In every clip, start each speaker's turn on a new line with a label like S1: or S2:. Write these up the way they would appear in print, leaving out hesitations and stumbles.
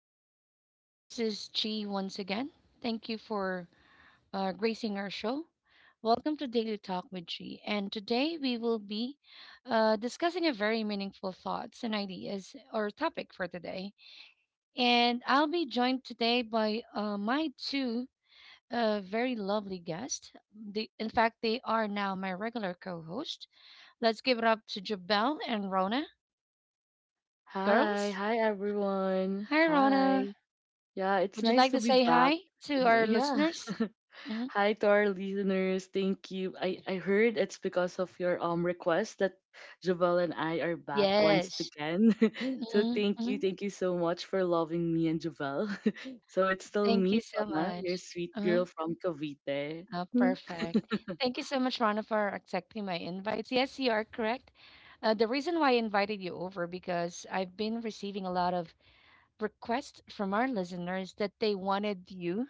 S1: everyone. This is Chi once again. Thank you for gracing our show. Welcome to Daily Talk with Chi. And today we will be discussing a very meaningful thoughts and ideas or topic for today. And I'll be joined today by my two very lovely guests. In fact, they are now my regular co host. Let's give it up to Jabel and Rona.
S2: Hi,
S1: Girls,
S2: hi everyone.
S1: hi, Rona.
S2: Hi. Yeah, it's
S1: Would you
S2: nice
S1: like
S2: to
S1: to
S2: be
S1: say
S2: back.
S1: hi to our
S2: Yeah.
S1: listeners? hmm
S2: Hi to our listeners. Thank you. I heard it's because of your request that Javel and I are back once
S1: Yes.
S2: again. So thank you.
S1: Mm-hmm.
S2: Thank you so much for loving me and Javel. So it's still
S1: Thank you
S2: me,
S1: so
S2: Rana, your
S1: much.
S2: sweet
S1: Uh-huh.
S2: girl from Cavite.
S1: Oh,
S2: Hmm.
S1: perfect. Thank you so much, Rana, for accepting my invites. Yes, you are correct. The reason why I invited you over because I've been receiving a lot of requests from our listeners that they wanted you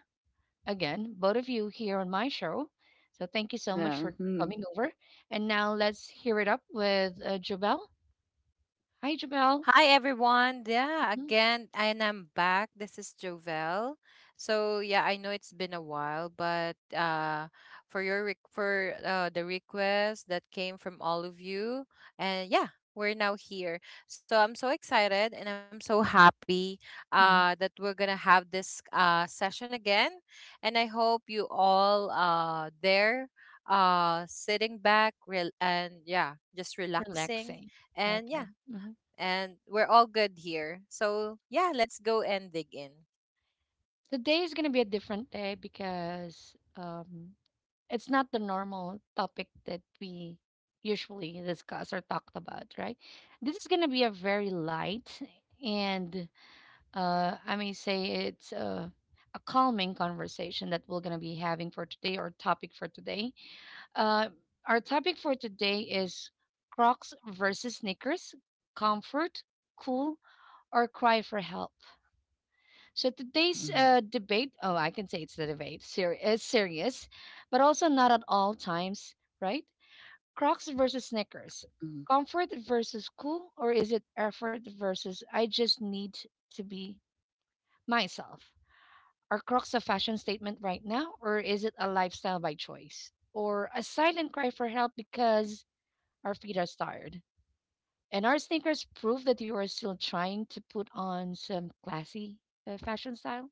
S1: again, both of you here on my show. So thank you so much
S2: Yeah.
S1: for, coming over. And now let's hear it up with Jobel. Hi, Jobel.
S3: Hi everyone. Yeah,
S1: Mm-hmm.
S3: again, and I'm back. This is Jovel. So yeah, I know it's been a while, but for the request that came from all of you, and yeah, we're now here. So I'm so excited and I'm so happy
S1: Mm-hmm.
S3: that we're gonna have this session again, and I hope you all there sitting back real and yeah just relaxing
S1: Relaxing.
S3: and
S1: Okay.
S3: yeah and we're all good here. So, yeah, let's go and dig in.
S1: The day is gonna be a different day because it's not the normal topic that we usually discuss or talked about, right? This is gonna be a very light and I may say it's a calming conversation that we're gonna be having for today or topic for today. Uh, our topic for today is Crocs versus sneakers, comfort, cool, or cry for help. So today's
S2: Mhm,
S1: debate, oh, I can say it's the debate, is serious, but also not at all times, right? Crocs versus
S2: correct.
S1: Snickers,
S2: Mm,
S1: comfort versus cool, or is it effort versus I just need to be myself? Are Crocs a fashion statement right now, or is it a lifestyle by choice? Or a silent cry for help because our feet are tired? And our sneakers prove that you are still trying to put on some classy fashion style?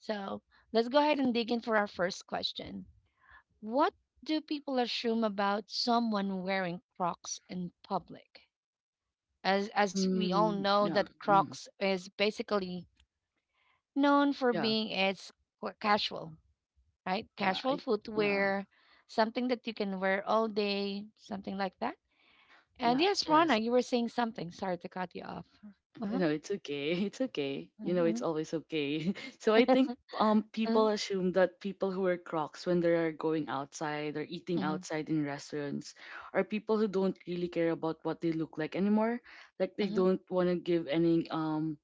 S1: So let's go ahead and dig in for our first question. What do people assume about someone wearing Crocs in public? As we all know
S2: yeah.
S1: that Crocs is basically known for
S2: Yeah.
S1: being its casual, right?
S2: Yeah.
S1: Casual
S2: I, yeah.
S1: footwear, something that you can wear all day, something like that. And
S2: Yeah.
S1: yes, Rana,
S2: Yes.
S1: you were saying something. Sorry to cut you off. Uh-huh.
S2: No, it's okay. It's okay. You know,
S1: Mm-hmm.
S2: it's always okay. So I think people assume that people who wear Crocs when they are going outside or eating
S1: Mm-hmm.
S2: outside in restaurants are people who don't really care about what they look like anymore. Like they don't want to give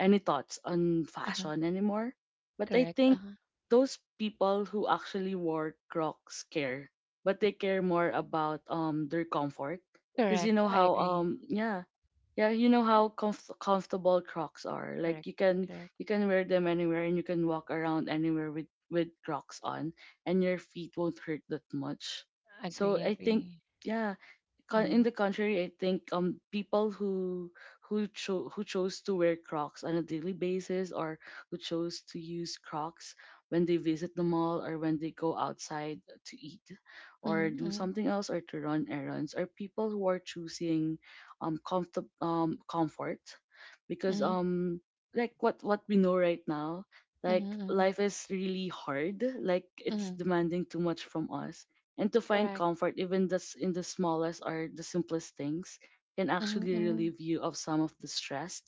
S2: any thoughts on
S1: Mm-hmm.
S2: fashion anymore. But I
S1: Correct.
S2: think
S1: Uh-huh.
S2: those people who actually wore Crocs care, but they care more about their comfort. Because you
S1: Correct.
S2: know
S1: I
S2: how
S1: agree.
S2: yeah, you know how comfortable Crocs are.
S1: Correct.
S2: Like
S1: Correct.
S2: you can wear them anywhere and you can walk around anywhere with Crocs on and your feet won't hurt that much.
S1: Agree,
S2: So I think
S1: agree.
S2: yeah, in
S1: Mm-hmm.
S2: the contrary, I think people who chose to wear Crocs on a daily basis or who chose to use Crocs when they visit the mall or when they go outside to eat or do
S1: Mm-hmm.
S2: something else or to run errands are people who are choosing comfort because
S1: Mm-hmm.
S2: like what we know right now,
S1: Mm-hmm.
S2: like
S1: Mm-hmm.
S2: life is really hard, like it's
S1: Mm-hmm.
S2: demanding too much from us, and to find
S1: Correct.
S2: comfort even this in the smallest or the simplest things can
S1: Mm-hmm.
S2: actually
S1: Mm-hmm.
S2: relieve you of some of the stress.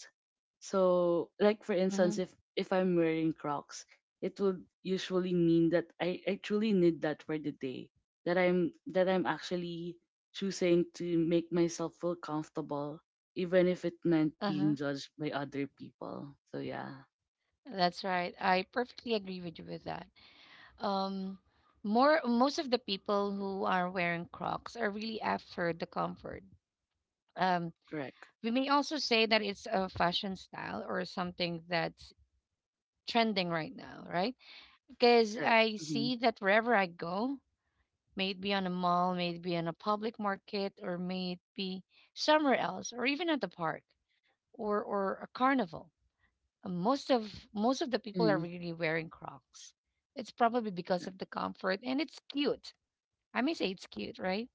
S2: So like for
S1: Mm-hmm.
S2: instance, if I'm wearing Crocs, it would usually mean that I truly need that for the day, that I'm actually choosing to make myself feel comfortable even if it meant being
S1: Uh-huh.
S2: judged by other people. So yeah,
S1: That's right. I perfectly agree with you with that. Um, more most of the people who are wearing Crocs are really after the comfort. Um,
S2: correct,
S1: we may also say that it's a fashion style or something that's trending right now, right? Because
S2: correct,
S1: I
S2: mm-hmm.
S1: see that wherever I go, may it be on a mall, may it be on a public market, or may it be somewhere else, or even at the park or a carnival. Most of the people are
S2: Mm-hmm.
S1: really wearing Crocs. It's probably because
S2: Right,
S1: of the comfort and it's cute. I may say it's cute, right?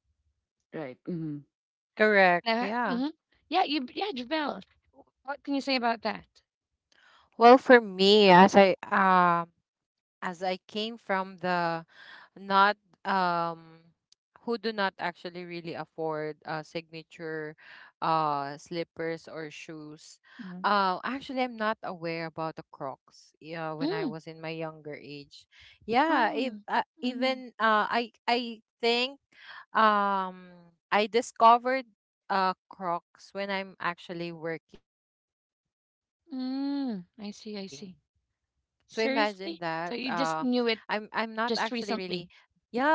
S2: right, mm-hmm.
S3: Correct.
S1: Uh,
S3: Yeah.
S1: hmm Yeah, you yeah, Jabel. What can you say about that?
S3: Well, for me, as I came from the not um who do not actually really afford signature slippers or shoes.
S1: Mm.
S3: Actually, I'm not aware about the Crocs. Yeah, when I
S1: Mm.
S3: was in my younger age. Yeah, if,
S1: Oh. Mm.
S3: even I think. Um, I discovered Crocs when I'm actually working. So imagine that.
S1: Mm. I
S3: Uh,
S1: see. I see.
S3: I'm I'm not actually
S1: Seriously?
S3: really.
S1: So you just
S3: Yeah,
S1: knew
S3: I'm
S1: it
S3: not.
S1: just recently?
S3: Yeah,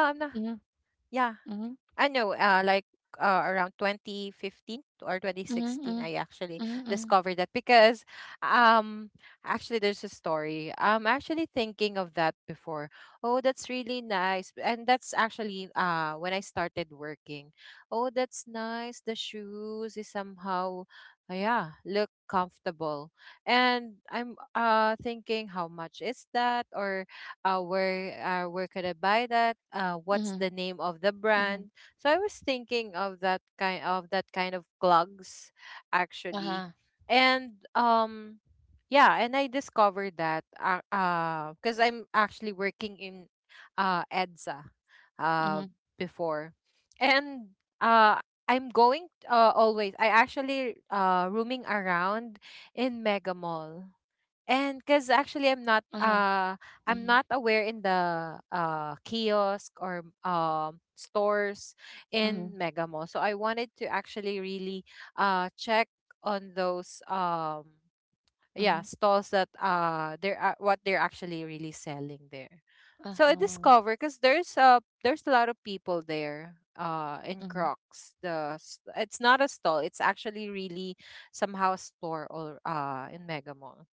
S3: I know,
S1: Mm-hmm.
S3: like,
S1: Mm-hmm.
S3: around 2015 or 2016, I actually
S1: Mm-hmm.
S3: discovered that
S1: Mhm, mhm,
S3: because, um, actually, there's a story. I'm actually thinking of that before. Oh, that's really nice. And that's actually when I started working. Oh, that's nice. The shoes is somehow, yeah, look comfortable. And I'm thinking, how much is that? Or where where could I buy that? What's
S1: mhm,
S3: the name of the
S1: mhm.
S3: brand? So I was thinking of that kind of clogs, actually,
S1: Aha,
S3: and yeah, and I discovered that because I'm actually working in EDSA, uh,
S1: mhm,
S3: before, and uh. I'm going always. I actually rooming around in Mega Mall, and because actually I'm not
S1: aha,
S3: uh I'm
S1: mhm,
S3: not aware in the kiosk or stores in
S1: mhm,
S3: Mega Mall. So I wanted to actually really check on those yeah
S1: mhm,
S3: stalls that they're what they're actually really selling there. So I
S1: aha,
S3: discover because there's a lot of people there in
S1: mhm,
S3: Crocs. It's not a stall. It's actually really somehow a store or in Mega Mall.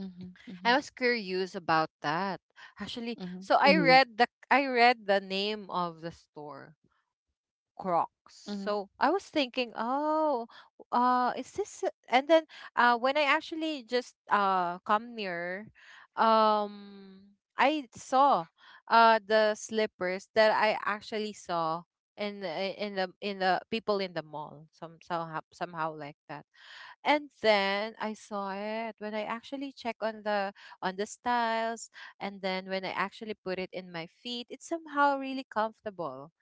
S1: mhm,
S3: I
S1: mhm,
S3: was curious about that. Actually,
S1: mhm,
S3: so I
S2: Mm-hmm.
S3: read the name of the store. Crocs.
S1: mhm,
S3: So I was thinking, oh, is this? And then, when I actually just come near, I saw the slippers that I actually saw in the people in the mall. Somehow like that. And then I saw it when I actually check on the styles, and then when I actually put it in my feet, it's somehow really comfortable,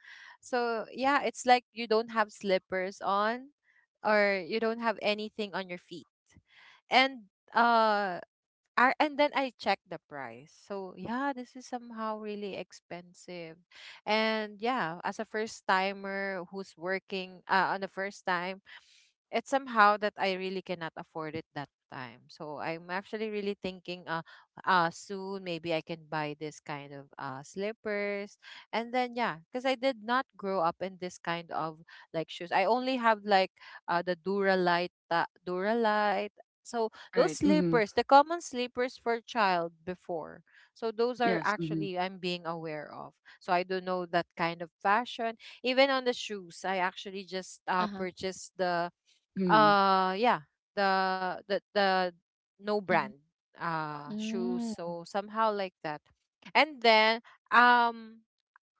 S3: so yeah, it's like you don't have slippers on or you don't have anything on your feet. And and then I checked the price. So yeah, this is somehow really expensive. And yeah, as a first timer who's working on the first time, it's somehow that I really cannot afford it that time. So I'm actually really thinking soon maybe I can buy this kind of slippers. And then yeah, because I did not grow up in this kind of like shoes. I only have like the Duralite. So those
S2: Right, mm-hmm.
S3: slippers, the common slippers for child before. So those are
S2: Yes, mm-hmm.
S3: actually I'm being aware of. So I don't know that kind of fashion. Even on the shoes, I actually just
S1: aha,
S3: purchased the
S2: Mm,
S3: uh yeah, the the the no brand
S1: mhm,
S3: shoes.
S1: mm,
S3: So somehow like that. And then um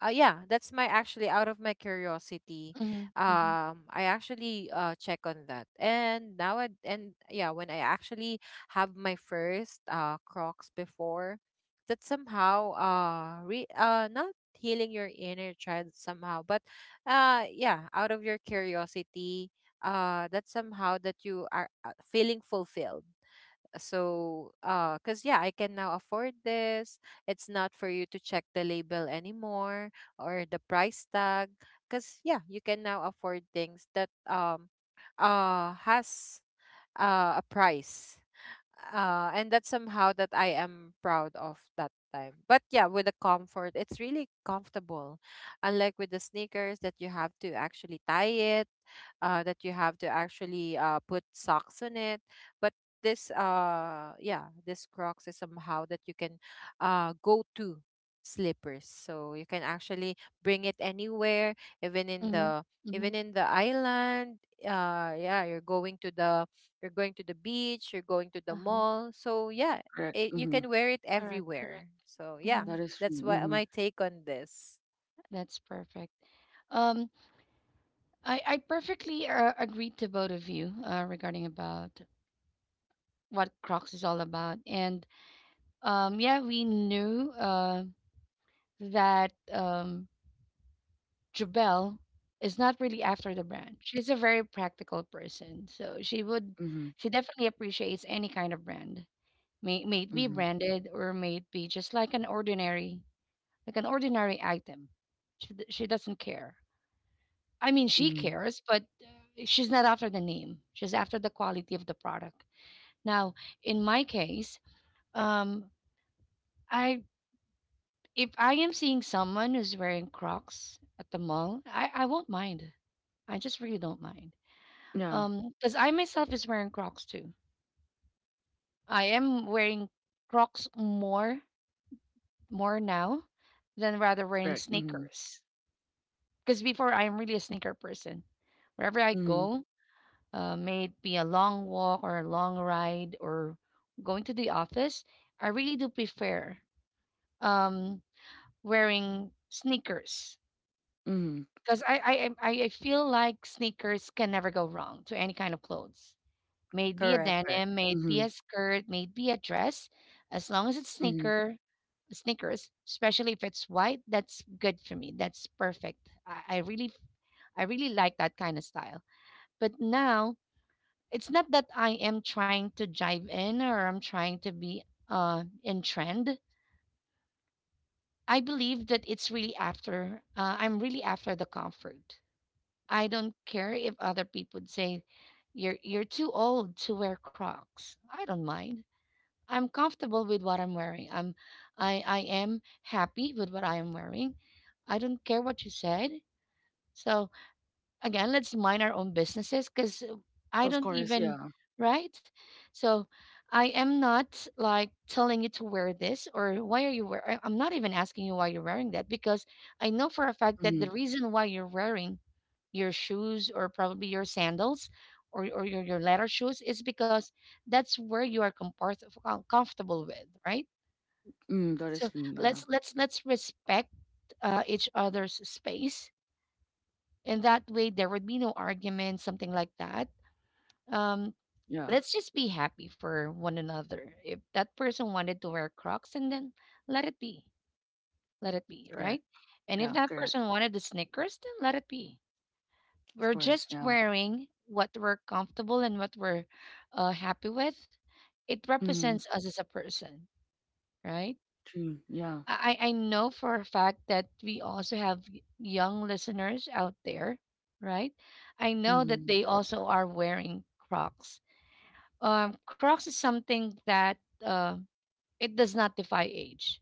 S3: yeah, that's my actually out of my curiosity.
S1: mhm, mhm,
S3: I actually check on that, and now I, and yeah, when I actually have my first Crocs before, that somehow re not healing your inner child somehow, but yeah, out of your curiosity, that somehow that you are feeling fulfilled, so because yeah I can now afford this. It's not for you to check the label anymore or the price tag, because yeah, you can now afford things that has a price, and that's somehow that I am proud of that time. But yeah, with the comfort, it's really comfortable. Unlike with the sneakers that you have to actually tie it, that you have to actually put socks on it. But this, yeah, this Crocs is somehow that you can go to slippers. So you can actually bring it anywhere, even in
S1: mhm,
S3: the even
S1: mhm,
S3: in the island. Yeah, you're going to the beach, you're going to the
S1: aha.
S3: mall. So yeah,
S2: correct.
S3: it, you
S2: Mhm.
S3: can wear it
S1: Correct,
S3: everywhere.
S1: correct.
S3: So yeah,
S1: Mhm.
S2: That is true.
S3: that's what
S2: Mhm.
S3: my take on this.
S1: That's perfect. Um, I perfectly agree to both of you regarding about what Crocs is all about, and yeah, we knew that Jobelle is not really after the brand. She's a very practical person. So
S2: Mhm.
S1: she definitely appreciates any kind of brand. May it be
S2: Mhm.
S1: branded or may it be just like an ordinary item. She she doesn't care. I mean, she
S2: Mhm.
S1: cares, but she's not after the name. She's after the quality of the product. Now, in my case, um, I if I am seeing someone who's wearing Crocs at the mall, I won't mind. I just really don't mind.
S2: Yeah.
S1: Because I myself is wearing Crocs too. I am wearing Crocs more now than rather wearing
S2: Correct. Mhm.
S1: sneakers. Because before I'm really a sneaker person. Wherever I
S2: Mhm.
S1: go, may it be a long walk or a long ride or going to the office, I really do prefer um wearing sneakers.
S2: Mhm.
S1: Because I feel like sneakers can never go wrong to any kind of clothes. May it be a
S3: Correct.
S2: Correct.
S1: denim, may it be
S2: Mhm.
S1: a skirt, may it be a dress, as long as
S2: Mhm.
S1: sneakers, especially if it's white, that's good for me. That's perfect. I, I really I really like that kind of style. But now it's not that I am trying to jive in or I'm trying to be in trend. I believe that it's really after I'm really after the comfort. I don't care if other people say you're too old to wear Crocs. I don't mind. I'm comfortable with what I'm wearing. I am happy with what I am wearing. I don't care what you said. So again, let's mind our own businesses cuz I
S2: Of
S1: don't
S2: course.
S1: even,
S2: Yeah.
S1: right? So I am not like telling you to wear this or why are you I'm not even asking you why you're wearing that because I know for a fact that
S2: Mhm.
S1: the reason why you're wearing your shoes or probably your sandals or your leather shoes is because that's where you are comfortable with, right?
S2: Mm, that is
S1: So
S2: true. Yeah.
S1: let's let's respect each other's space, and that way there would be no argument something like that. Um,
S2: Yeah.
S1: let's just be happy for one another. If that person wanted to wear Crocs, and then let it be. Let it be,
S2: Correct.
S1: right? And if
S2: Yeah.
S1: that
S2: Correct.
S1: person wanted the snickers, then let it be.
S2: Of
S1: We're
S2: course.
S1: just
S2: Yeah.
S1: wearing what we're comfortable and what we're happy with. It
S2: Mhm.
S1: represents us as a person, right?
S2: True. Yeah.
S1: I, I know for a fact that we also have young listeners out there, right? I know that
S2: Mhm.
S1: they also are wearing Crocs. Crocs is something that um, it does not defy age.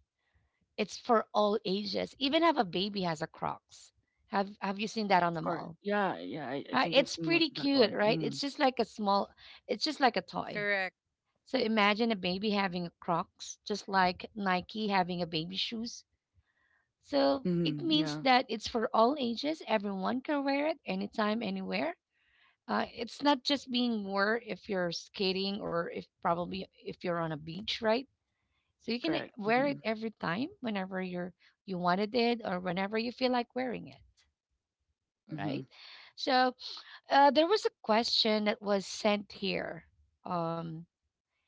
S1: It's for all ages. Even have a baby has a Crocs. Have you seen that on
S2: Of
S1: the
S2: course.
S1: mall?
S2: Yeah. Yeah. I
S1: Right?
S2: think I've
S1: It's
S2: seen what,
S1: pretty
S2: that
S1: cute,
S2: one.
S1: right? It's
S2: Mhm.
S1: just like a small, it's just like a toy.
S3: Correct.
S1: So imagine a baby having a Crocs, just like Nike having a baby shoes. So it
S2: Mhm.
S1: means
S2: Yeah.
S1: that it's for all ages. Everyone can wear it anytime, anywhere. It's not just being worn if you're skating or if probably if you're on a beach, right? So you can eh,
S2: Correct.
S1: wear it
S2: Mhm.
S1: every time, whenever you wanted it or whenever you feel like wearing it, right?
S2: Mhm.
S1: So there was a question that was sent here. Um,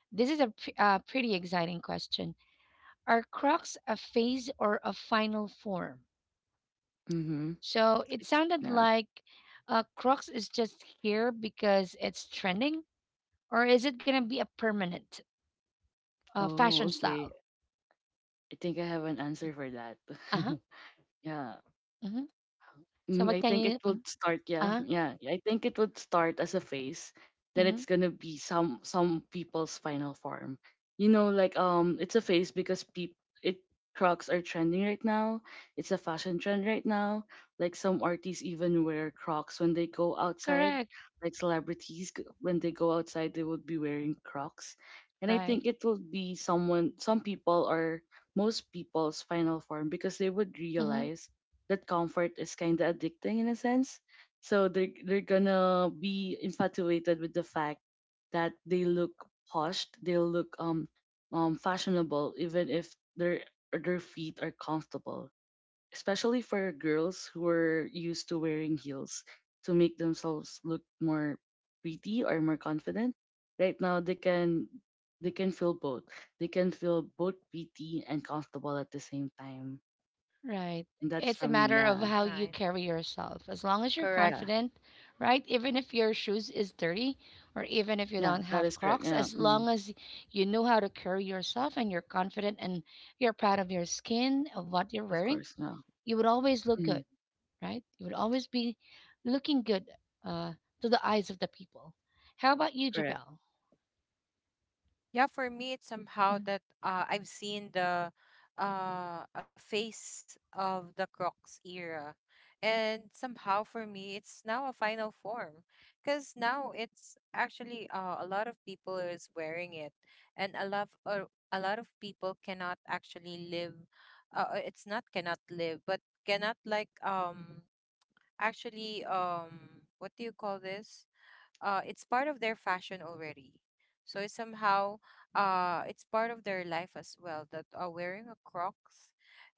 S1: this is a pretty exciting question. Are Crocs a phase or a final form?
S2: Mhm.
S1: So it sounded
S2: Yeah.
S1: like Crocs is just here because it's trending, or is it gonna be a permanent
S2: Oh.
S1: fashion
S2: Okay.
S1: style?
S2: I think I have an answer for that.
S1: Uh huh.
S2: Yeah.
S1: Hmm. So
S2: Mm,
S1: what
S2: I
S1: can
S2: think
S1: you?
S2: it
S1: Uh
S2: would start,
S1: huh.
S2: I think it would start as a phase. Then
S1: Hmm.
S2: it's gonna be some people's final form. You know, like it's a phase because peop it Crocs are trending right now. It's a fashion trend right now. Like some artists even wear Crocs when they go outside.
S1: Correct.
S2: Like celebrities when they go outside, they would be wearing Crocs. And I
S1: Right.
S2: think it will be someone, some people, or most people's final form because they would
S1: Mm-hmm.
S2: realize that comfort is kind of addicting in a sense. So they're gonna be infatuated with the fact that they look poshed, they look fashionable, even if their feet are comfortable. Especially for girls who are used to wearing heels to make themselves look more pretty or more confident. Right now they can feel both. They can feel both pretty and comfortable at the same time.
S1: Right.
S2: And that's
S1: It's a
S2: from me,
S1: matter of
S2: yeah,
S1: how you
S3: Nice.
S1: carry yourself. As long as you're
S3: Correct.
S2: yeah.
S1: confident, right? Even if your shoes is dirty or even if you
S2: Yeah,
S1: don't
S2: that
S1: have
S2: is correct.
S1: Crocs,
S2: Yeah,
S1: as long
S2: mm,
S1: as you know how to carry yourself and you're confident and you're proud of your skin, of what you're
S2: of
S1: wearing,
S2: course. Yeah,
S1: you would always look good,
S2: mm,
S1: right? You would always be looking good uh, to the eyes of the people. How about you,
S2: correct.
S1: Jabel?
S3: Yeah, for me, it's somehow
S1: Mm-hmm.
S3: that I've seen the a phase of the Crocs era, and somehow for me, it's now a final form because now it's actually a lot of people is wearing it, and a lot of people cannot actually live. It's not cannot live, but cannot like actually what do you call this? Uh, it's part of their fashion already. So it's somehow it's part of their life as well, that wearing a Crocs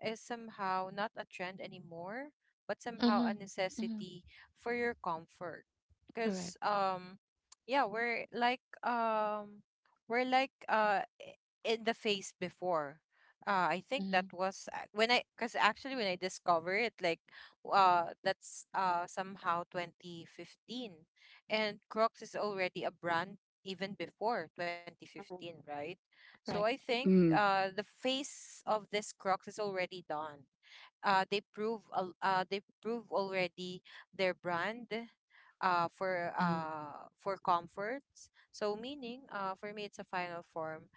S3: is somehow not a trend anymore, but somehow a
S1: Mm-hmm.
S3: necessity for your comfort. Because
S1: Correct.
S3: yeah, we're like in the face before. I think
S1: Mm-hmm.
S3: that was when I, because actually when I discovered it, like, that's somehow 2015. And Crocs is already a brand even before 2015, right? So
S1: Right.
S3: I think
S2: Mm,
S3: the face of this Crocs is already done. They prove already their brand
S1: Mm-hmm.
S3: for comforts. So meaning for me it's a final form.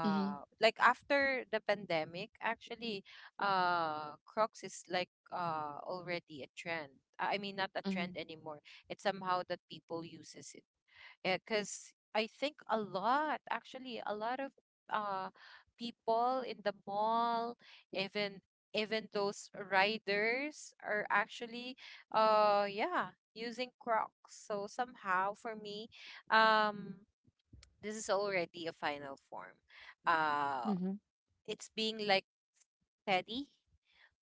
S1: Mm-hmm.
S3: Like after the pandemic, actually, Crocs is like already a trend. I mean, not a
S1: Mm-hmm.
S3: trend anymore. It's somehow that people uses it, because I think a lot of uh, people in the mall, even even those riders are actually, yeah, using Crocs. So somehow, for me, um, this is already a final form. Uh,
S1: Mm-hmm.
S3: it's being like Teddy,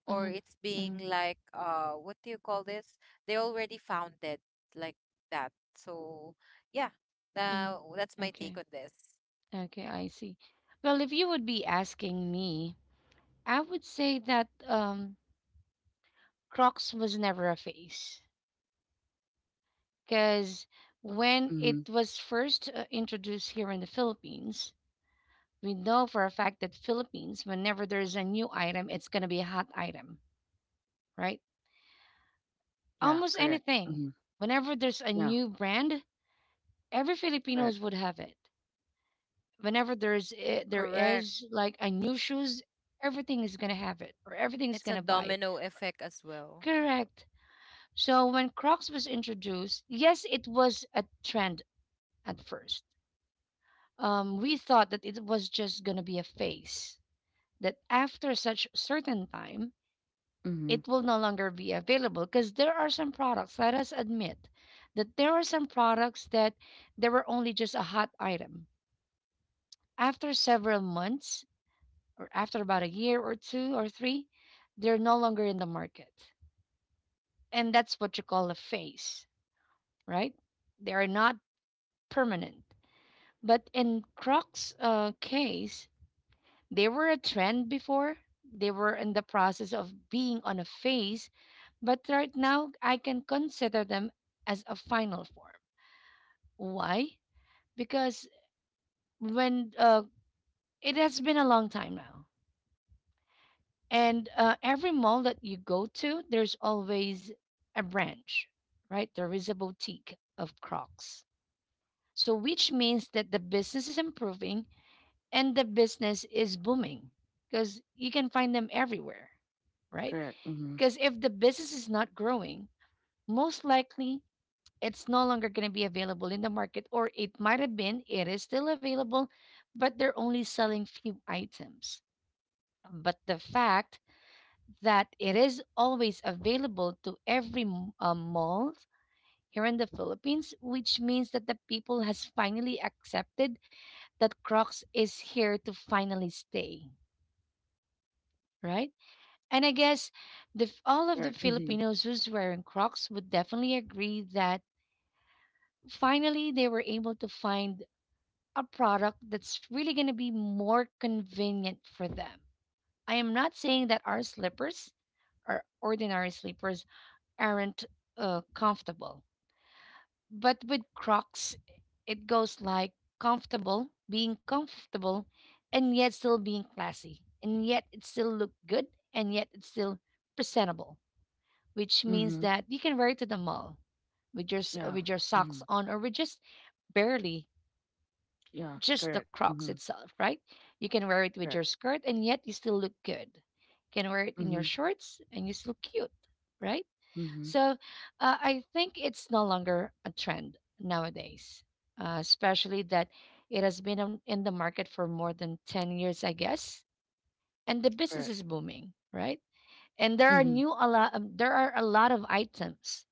S3: or it's being
S1: Mm-hmm.
S3: like what do you call this? They already found it, like that. So yeah,
S1: Hmm.
S3: now that's my take
S1: Okay.
S3: on this.
S1: Okay, I see. Well, if you would be asking me, I would say that Crocs was never a phase because when
S2: mm-hmm.
S1: it was first introduced here in the Philippines, we know for a fact that Philippines, whenever there's a new item, it's going to be a hot item, right?
S2: Yeah,
S1: Almost
S2: correct.
S1: anything.
S2: Mm-hmm.
S1: Whenever there's a
S2: Yeah,
S1: new brand, every Filipinos
S2: correct.
S1: would have it. Whenever there's there
S3: Correct.
S1: is like a new shoes, everything is gonna have it or everything's
S3: It's a
S1: gonna buy it,
S3: domino effect as well.
S1: correct? So when Crocs was introduced, yes, it was a trend at first. Um, we thought that it was just gonna be a phase, that after such certain time
S2: Mm-hmm.
S1: it will no longer be available, because there are some products, let us admit that there are some products that they were only just a hot item. After several months, or after about a year or two or three, they're no longer in the market. And that's what you call a phase, right? They are not permanent. But in Crocs' case, they were a trend before. They were in the process of being on a phase, but right now I can consider them as a final form. Why? Because when it has been a long time now. And every mall that you go to, there's always a branch, right? There is a boutique of Crocs. So, which means that the business is improving and the business is booming because you can find them everywhere, right?
S2: Correct. Mm-hmm.
S1: Because if the business is not growing, most likely it's no longer going to be available in the market, or it might have been, it is still available, but they're only selling few items. But the fact that it is always available to every mall here in the Philippines, which means that the people has finally accepted that Crocs is here to finally stay, right? And I guess all of the
S2: Correct. Mm-hmm.
S1: Filipinos who's wearing Crocs would definitely agree that finally they were able to find a product that's really going to be more convenient for them. I am not saying that our slippers, our ordinary slippers, aren't comfortable. But with Crocs, it goes like being comfortable, and yet still being classy, and yet it still look good, and yet it's still presentable. Which means
S2: Mm-hmm.
S1: that you can wear it to the mall with your
S2: Yeah.
S1: with your socks
S2: Mm-hmm.
S1: on, or with just barely
S2: Yeah,
S1: just the
S2: correct.
S1: Crocs
S2: Mm-hmm.
S1: itself, right? You can wear it with
S2: Correct.
S1: your skirt, and yet you still look good. You can wear it in your
S2: Mm-hmm.
S1: shorts, and you're still cute, right?
S2: Mm-hmm.
S1: So I think it's no longer a trend nowadays, especially that it has been in the market for more than 10 years, I guess. And the business
S2: Correct.
S1: is booming, right? And
S2: Mm-hmm.
S1: there are a lot of items,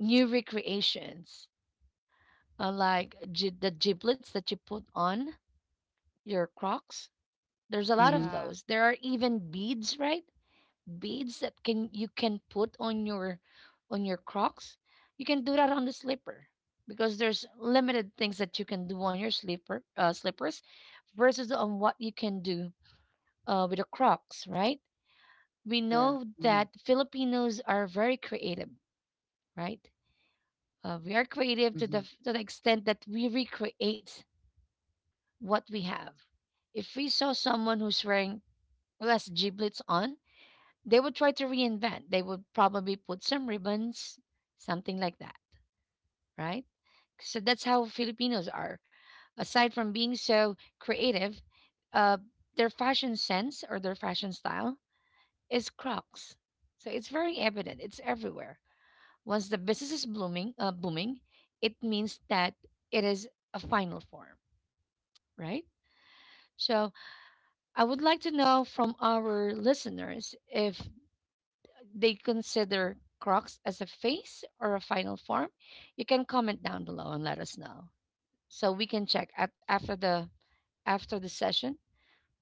S1: new recreations, like the giblets that you put on your Crocs. There's a lot of
S2: Mm-hmm.
S3: Yeah.
S1: those. There are even beads, right? Beads that can you can put on your Crocs. You can do that on the slipper because there's limited things that you can do on your slippers versus on what you can do with the Crocs, right? We
S2: Correct.
S1: know
S2: Mm-hmm.
S1: that Filipinos are very creative, right? We are creative to the
S2: Mm-hmm.
S1: to the extent that we recreate what we have. If we saw someone who's wearing who has giblets on, they would try to reinvent. They would probably put some ribbons, something like that, right? So that's how Filipinos are. Aside from being so creative, uh, their fashion sense or their fashion style is Crocs. So it's very evident. It's everywhere. Once the business is booming, it means that it is a final form, right? So I would like to know from our listeners if they consider Crocs as a phase or a final form. You can comment down below and let us know. So we can check at, after the session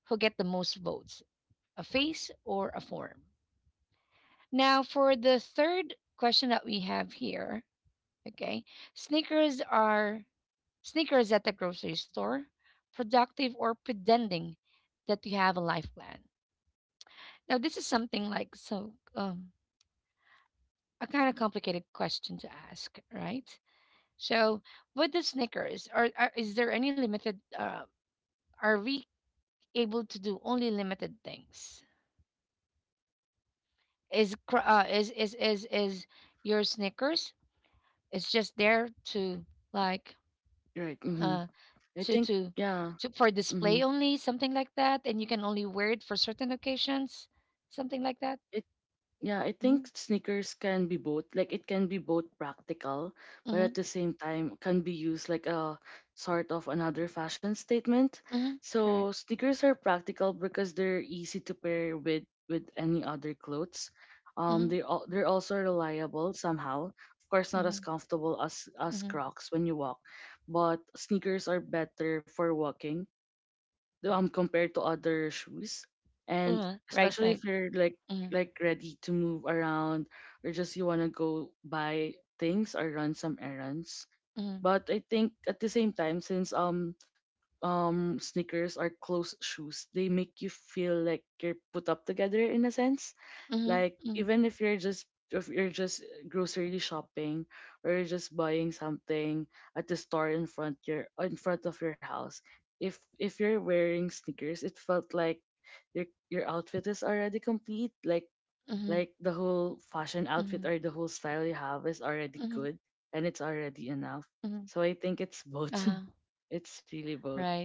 S1: who get the most votes, a phase or a form. Now for the third question that we have here, okay? Sneakers are Sneakers at the grocery store, productive or pretending that you have a life plan. Now this is something like a kind of complicated question to ask, right? So with the Snickers, are is there any limited? Are we able to do only limited things? Is is your Snickers? It's just there to like
S2: Right. Mm-hmm.
S1: uh
S2: I
S1: to
S2: think.
S1: to
S2: Yeah.
S1: to for
S2: Mm-hmm.
S1: display only, something like that, and you can only wear it for certain occasions, something like that.
S2: Yeah, I think
S1: Mm-hmm.
S2: sneakers can be both. Like it can be both practical, but
S1: Mm-hmm.
S2: at the same time can be used like a sort of another fashion statement.
S1: Mm-hmm. Correct.
S2: So sneakers are practical because they're easy to pair with any other clothes.
S1: Mm-hmm.
S2: They're also reliable somehow. Of course, not
S1: Mm-hmm.
S2: as comfortable as
S1: Mm-hmm.
S2: Crocs when you walk, but sneakers are better for walking compared to other shoes, and
S1: Right.
S2: especially if
S1: Right.
S2: you're
S1: Mm-hmm.
S2: like ready to move around or just you want to go buy things or run some errands.
S1: Mm-hmm.
S2: But I think at the same time, since sneakers are closed shoes, they make you feel like you're put up together in a sense. Like
S1: Mm-hmm.
S2: even if you're just grocery shopping or you're just buying something at the store in front of your house, if you're wearing sneakers, it felt like your outfit is already complete.
S1: Mm-hmm.
S2: Like the whole
S1: Mm-hmm.
S2: fashion outfit or the whole style you have is
S1: Mm-hmm.
S2: already good and it's already enough.
S1: Mm-hmm.
S2: So I think it's
S1: Uh-huh.
S2: both. It's really both.
S1: Right.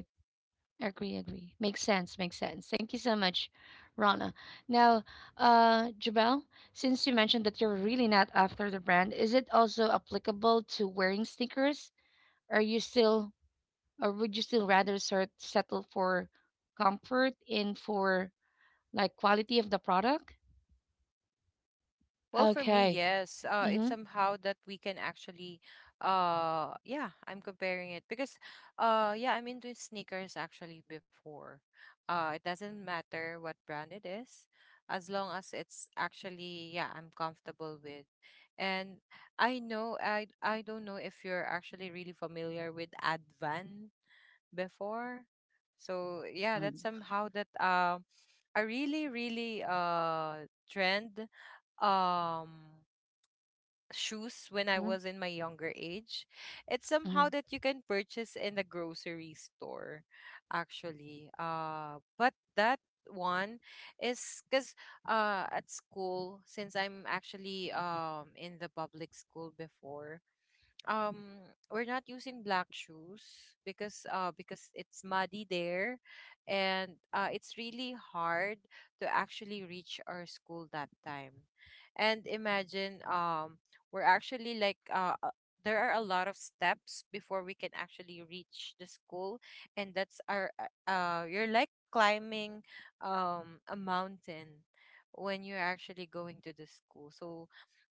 S1: Agree, agree. Makes sense, makes sense. Thank you so much, Rana. Now, Jabel, since you mentioned that you're really not after the brand, is it also applicable to wearing sneakers? Are you still, or would you still rather sort settle for comfort and for like quality of the product?
S3: Well, for me,
S1: Okay.
S3: yes. It's
S1: Mm-hmm.
S3: somehow that we can actually, yeah, I'm comparing it because, yeah, I'm into sneakers actually before. It doesn't matter what brand it is, as long as it's actually, yeah, I'm comfortable with. And I know, I don't know if you're actually really familiar with Advan before. So yeah, that's
S2: And,
S3: somehow that a really, really trend um shoes when I
S1: Mm-hmm.
S3: was in my younger age. It's somehow
S1: Mm-hmm.
S3: that you can purchase in the grocery store, actually. But that one is because at school, since I'm actually in the public school before, um we're not using black shoes because it's muddy there, and it's really hard to actually reach our school that time. And imagine we're actually like there are a lot of steps before we can actually reach the school, and that's our you're like climbing a mountain when you're actually going to the school. So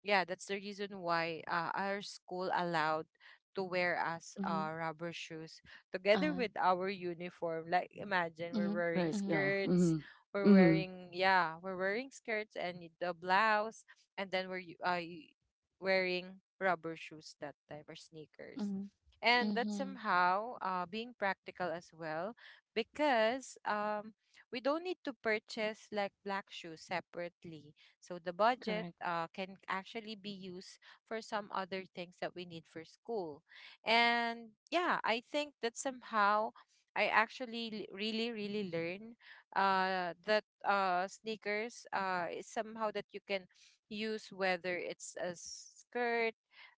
S3: yeah, that's the reason why our school allowed to wear us
S1: Mm-hmm.
S3: rubber shoes together
S1: Uh-huh.
S3: with our uniform. Like imagine we're
S1: Mm-hmm.
S3: wearing
S2: right.
S1: Mm-hmm.
S2: Yeah.
S3: skirts,
S2: Mm-hmm. Mm-hmm.
S3: we're wearing skirts and the blouse, and then we're wearing rubber shoes that time or sneakers.
S1: Mm-hmm.
S3: And that's
S1: Mm-hmm.
S3: somehow being practical as well, because we don't need to purchase like black shoes separately, so the budget
S1: Correct.
S3: can actually be used for some other things that we need for school. And yeah, I think that somehow I actually really, really learn that sneakers is somehow that you can use whether it's a skirt,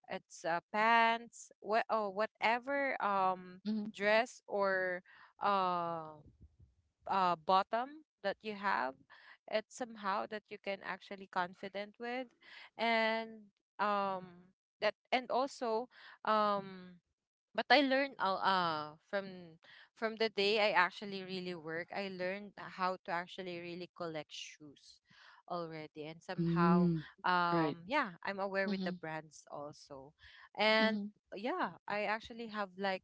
S3: it's pants, what, oh, whatever
S1: Mm-hmm.
S3: dress or um bottom that you have, it's somehow that you can actually confident with, and um that and also um but I learned from the day I actually really work, I learned how to actually really collect shoes already, and somehow
S2: Mm-hmm. Right.
S3: yeah, I'm aware with the
S1: Mm-hmm.
S3: brands also, and
S1: Mm-hmm.
S3: yeah, I actually have like,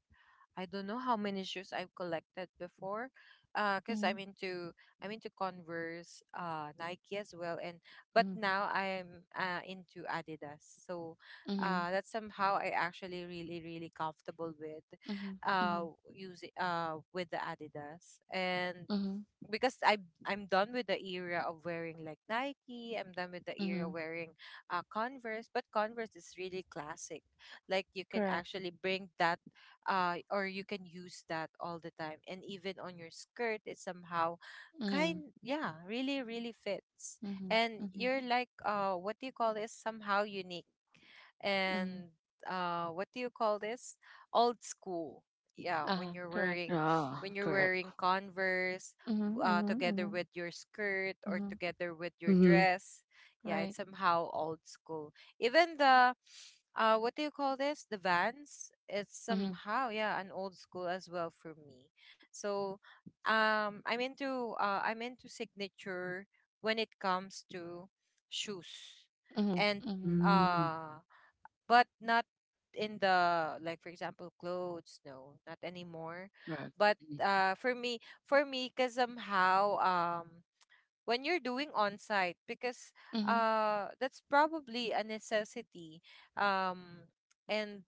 S3: I don't know how many shoes I've collected before, because
S1: Mm-hmm.
S3: I'm into Converse, Nike as well, and but now I'm into Adidas. So,
S1: Mm-hmm.
S3: that's somehow I actually really really comfortable with,
S1: Mhm,
S3: uh,
S1: mhm,
S3: using with the Adidas. And
S1: mhm,
S3: because I am I'm done with the era of wearing like Nike. I'm done with the era
S1: mhm.
S3: wearing Converse, but Converse is really classic. Like you can
S1: Correct.
S3: actually bring that, or you can use that all the time, and even on your skirt, it somehow
S1: Mhm,
S3: kind, yeah, really really fits.
S1: mhm,
S3: And
S1: mhm,
S3: you're like, what do you call this, somehow unique.
S1: mhm.
S3: And what do you call this, old school, yeah, when
S1: Uh-huh.
S3: you're
S1: Correct.
S3: wearing,
S2: Yeah.
S3: when you're
S2: Correct.
S3: wearing converse
S1: Mhm, mhm,
S3: together
S1: mhm,
S3: with your skirt or
S1: mhm.
S3: together with your
S2: Mm-hmm.
S3: dress. Yeah, it's
S1: Right.
S3: somehow old school, even the, what do you call this, the vans. It's
S1: Mhm,
S3: somehow, yeah, an old school as well for me. So, I'm into signature when it comes to shoes.
S1: mhm,
S3: And
S1: mhm,
S2: Mm,
S3: uh but not in the, like, for example, clothes. No, not anymore.
S2: correct.
S3: But
S2: Mhm.
S3: for me, because somehow, when you're doing on site, because
S1: mhm,
S3: that's probably a necessity. um and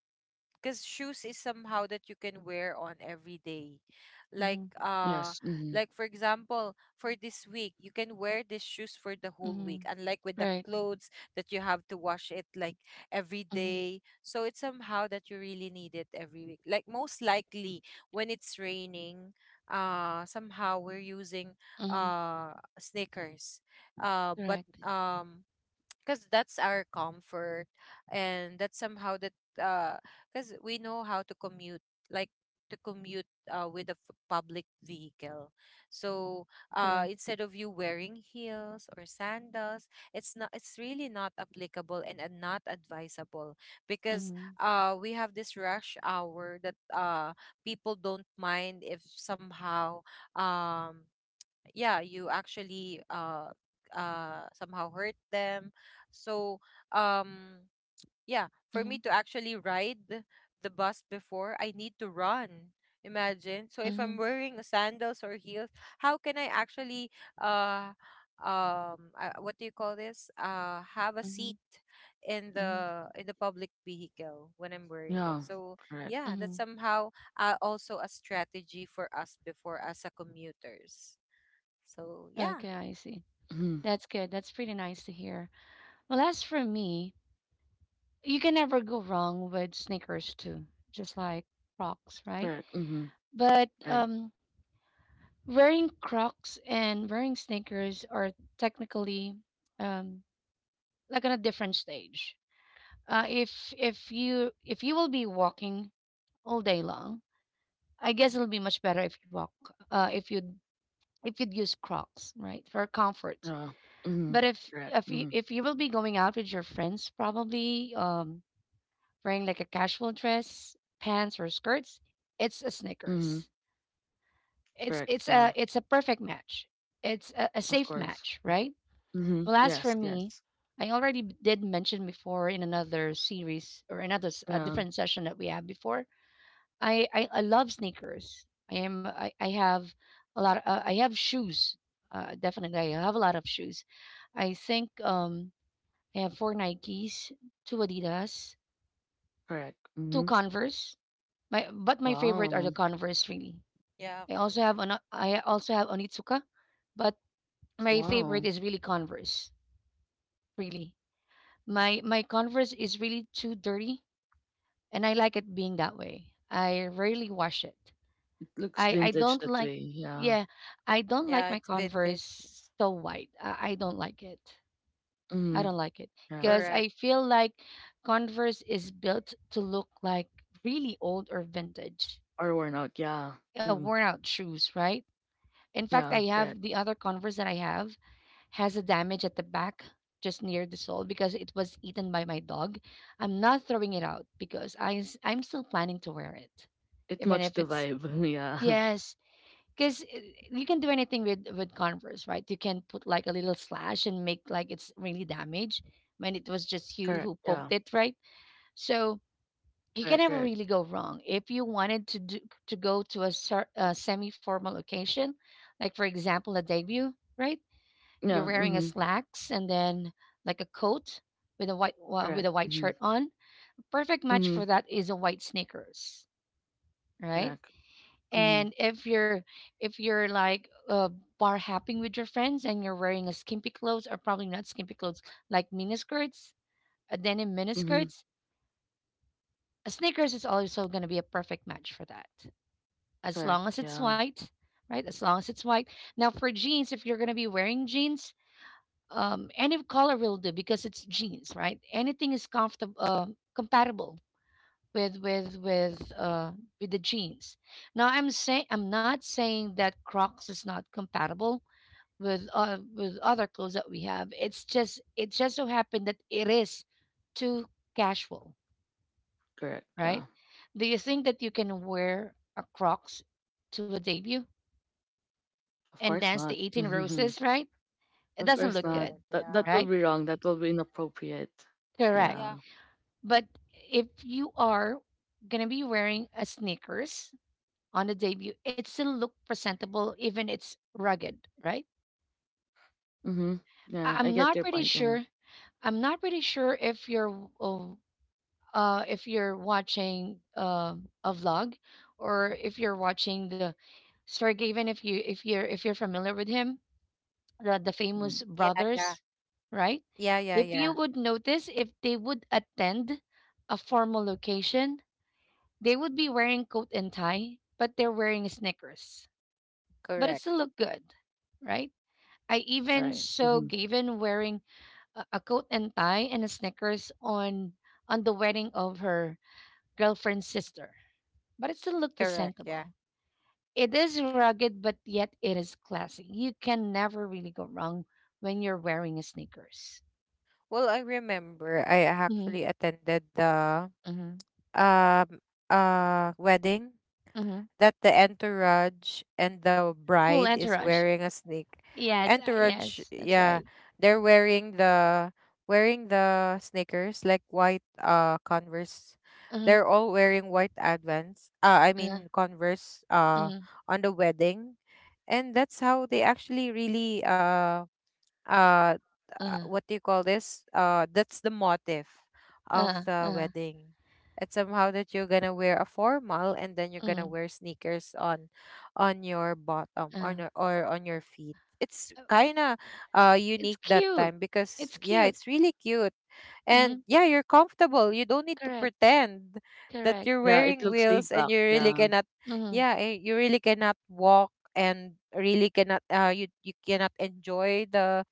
S3: because shoes is somehow that you can wear on every day, like.
S1: mhm,
S2: Yes. Hmm.
S3: Like for example, for this week, you can wear these shoes for the whole week,
S1: mhm.
S3: unlike with the
S1: Right.
S3: clothes that you have to wash it, like, every
S1: Mhm,
S3: day. So it's somehow that you really need it every week, like, most likely when it's raining, somehow we're using
S1: mhm.
S3: uh sneakers. But
S1: Correct.
S3: um because that's our comfort, and that's somehow that, uh because we know how to commute, like to commute with a public vehicle. So,
S1: Correct.
S3: instead of you wearing heels or sandals, it's really not applicable, and not advisable because
S1: Mhm,
S3: we have this rush hour that, people don't mind if somehow, um yeah, you actually, somehow hurt them. So, um yeah, for me
S1: mhm,
S3: to actually ride the bus before, I need to run. Imagine, so if I'm
S1: mhm,
S3: wearing sandals or heels, how can I actually, uh what do you call this, have a
S1: mhm,
S3: seat in
S1: mhm,
S3: the, in the public vehicle when I'm wearing that.
S2: Yeah.
S3: So
S2: Correct.
S3: yeah, that's
S1: mhm.
S3: somehow also a strategy for us before as a commuters. So yeah.
S1: Okay, I see.
S2: Hmm.
S1: That's good. That's pretty nice to hear. Well, as for me, you can never go wrong with sneakers too, just like Crocs, right?
S2: Correct. Mm. Hmm.
S1: But
S2: Right.
S1: wearing Crocs and wearing sneakers are technically um, like on a different stage. If you will be walking all day long, I guess it'll be much better if you uh, if you if you'd use Crocs right for comfort.
S2: Yeah. Hmm.
S1: But
S2: Correct. Mm.
S1: if you will be going out with your friends, probably wearing like a casual dress, pants or skirts, it's a
S2: Hmm. Hmm.
S1: sneakers. It's
S2: Correct.
S1: it's
S2: Yeah.
S1: a it's a perfect match. It's a
S2: Of
S1: safe
S2: course.
S1: match, right?
S2: Mm. Hmm.
S1: Well, as for
S2: Yes. Yes.
S1: me, I already did mention before in another series or another a
S2: Yeah.
S1: different session that we had before. I love sneakers. I have a lot. Uh, I have shoes. Definitely, I have a lot of shoes. I think I have four Nikes, two Adidas,
S2: Correct. Mm.
S1: two
S2: Hmm.
S1: Converse. My favorite are the
S2: Wow.
S1: Converse really.
S3: Yeah,
S1: I also have an
S3: Converse.
S1: I also have Onitsuka, but my favorite
S2: Wow.
S1: is really Converse really. My Converse is really too dirty, and I like it being that way. I rarely wash it.
S2: It looks
S1: I I
S2: vintage
S1: don't
S2: that
S1: like
S2: way. Yeah.
S1: yeah, I don't
S3: Yeah,
S1: like
S3: it's
S1: my
S3: vintage.
S1: Converse so white. I don't like it. I
S2: Hmm.
S1: don't like it
S2: Yeah.
S1: because
S3: Correct,
S1: I feel like Converse is built to look like really old or vintage,
S2: Or worn out. Yeah. True.
S1: worn out shoes, right? In fact,
S2: Yeah.
S1: I
S2: Correct.
S1: have the other Converse that I have has a damage at the back just near the sole because it was eaten by my dog. I'm not throwing it out because I'm still planning to wear it.
S2: It
S1: Even
S2: matched
S1: if
S2: the
S1: it's
S2: vibe. Yeah.
S1: yes, cuz you can do anything with Converse, right? You can put like a little slash and make like it's really damaged when it was just you
S2: Correct.
S1: who
S2: Yeah.
S1: poked it, right? So you can
S2: Correct.
S1: never
S2: Correct.
S1: really go wrong if you wanted to do, to go to a, a semi-formal occasion like for example a debut, right? You're
S2: Yeah.
S1: wearing a
S2: Hmm.
S1: slacks and then like a coat with a with a
S2: Correct.
S1: white
S2: Hmm.
S1: shirt on. Perfect match
S2: Hmm.
S1: for that is a white sneakers, right?
S2: Correct. Hmm.
S1: And if you're bar hopping with your friends and you're wearing a skimpy clothes or probably not skimpy clothes like miniskirts, a denim
S2: Hmm.
S1: miniskirts, a sneakers is also going to be a perfect match for that as long
S2: Correct.
S1: as it's
S2: Yeah.
S1: white, right? As long as it's white. Now, for jeans, if you're going to be wearing jeans, any color will do because it's jeans, right? Anything is comfortable, compatible with with with uh, with the jeans. Now, I'm not saying that Crocs is not compatible with other clothes that we have. It's just it just so happened that it is too casual,
S2: Correct.
S1: right?
S2: Yeah.
S1: Do you think that you can wear a Crocs to a debut
S2: Of
S1: and
S2: course
S1: dance
S2: not.
S1: the 18 roses, right? It
S2: Of
S1: doesn't
S2: course
S1: look
S2: not.
S1: good,
S3: correct.
S2: That
S3: Yeah.
S2: that will
S1: right?
S2: be wrong. That will be inappropriate.
S1: Correct.
S2: Yeah.
S3: Yeah.
S1: But if you are going to be wearing a sneakers on the debut, it still look presentable even it's rugged, right?
S2: Mhm. Yeah. I
S1: I'm
S2: get
S1: not
S2: your
S1: pretty
S2: point. Yeah.
S1: sure. I'm not pretty sure if you're if you're watching a vlog or if you're watching the Sergey, even if you're familiar with him, the famous
S2: Mm,
S3: Yeah, yeah.
S1: brothers, right?
S3: Yeah, yeah,
S1: If
S3: yeah.
S1: you would notice, if they would attend a formal location, they would be wearing coat and tie, but they're wearing sneakers. But
S3: Correct.
S1: it still looked good, right? I even
S2: right.
S1: saw
S2: Mhm.
S1: Gavin wearing a coat and tie and a sneakers on the wedding of her girlfriend's sister. But it still looked
S3: Correct. Yeah.
S1: presentable. It is rugged, but yet it is classy. You can never really go wrong when you're wearing a sneakers.
S3: Well, I remember I actually
S1: Mhm,
S3: attended the,
S1: mhm,
S3: um wedding
S1: mhm.
S3: that the entourage and the
S1: Cool
S3: bride is
S1: entourage.
S3: wearing a snake.
S1: Yes,
S3: Entourage,
S1: yes, that's
S3: yeah,
S1: right.
S3: they're wearing the, wearing the sneakers, like white Converse.
S1: Mhm,
S3: They're all wearing white Advance. I
S1: uh-huh,
S3: mean Converse.
S1: mhm,
S3: On the wedding, and that's how they actually really, uh
S1: uh-huh,
S3: what do you call this, that's the motive of
S1: uh-huh,
S3: the
S1: uh-huh,
S3: wedding. It's somehow that you're gonna wear a formal and then you're gonna
S1: mhm,
S3: wear sneakers on your bottom, on
S1: uh-huh.
S3: your, or on your feet. It's
S1: Oh,
S3: kind of
S1: it's
S3: unique that
S1: cute.
S3: time, because
S1: It's
S3: yeah,
S1: cute.
S3: it's really cute. And
S1: Mhm.
S3: yeah, you're comfortable, you don't need to
S1: Correct.
S3: pretend that
S1: Correct.
S3: you're
S2: Yeah. It
S3: wearing
S2: looks laid
S3: wheels and
S2: back.
S3: you really
S2: Yeah.
S3: cannot,
S1: Mhm,
S3: yeah, you really cannot walk and really cannot, you cannot enjoy the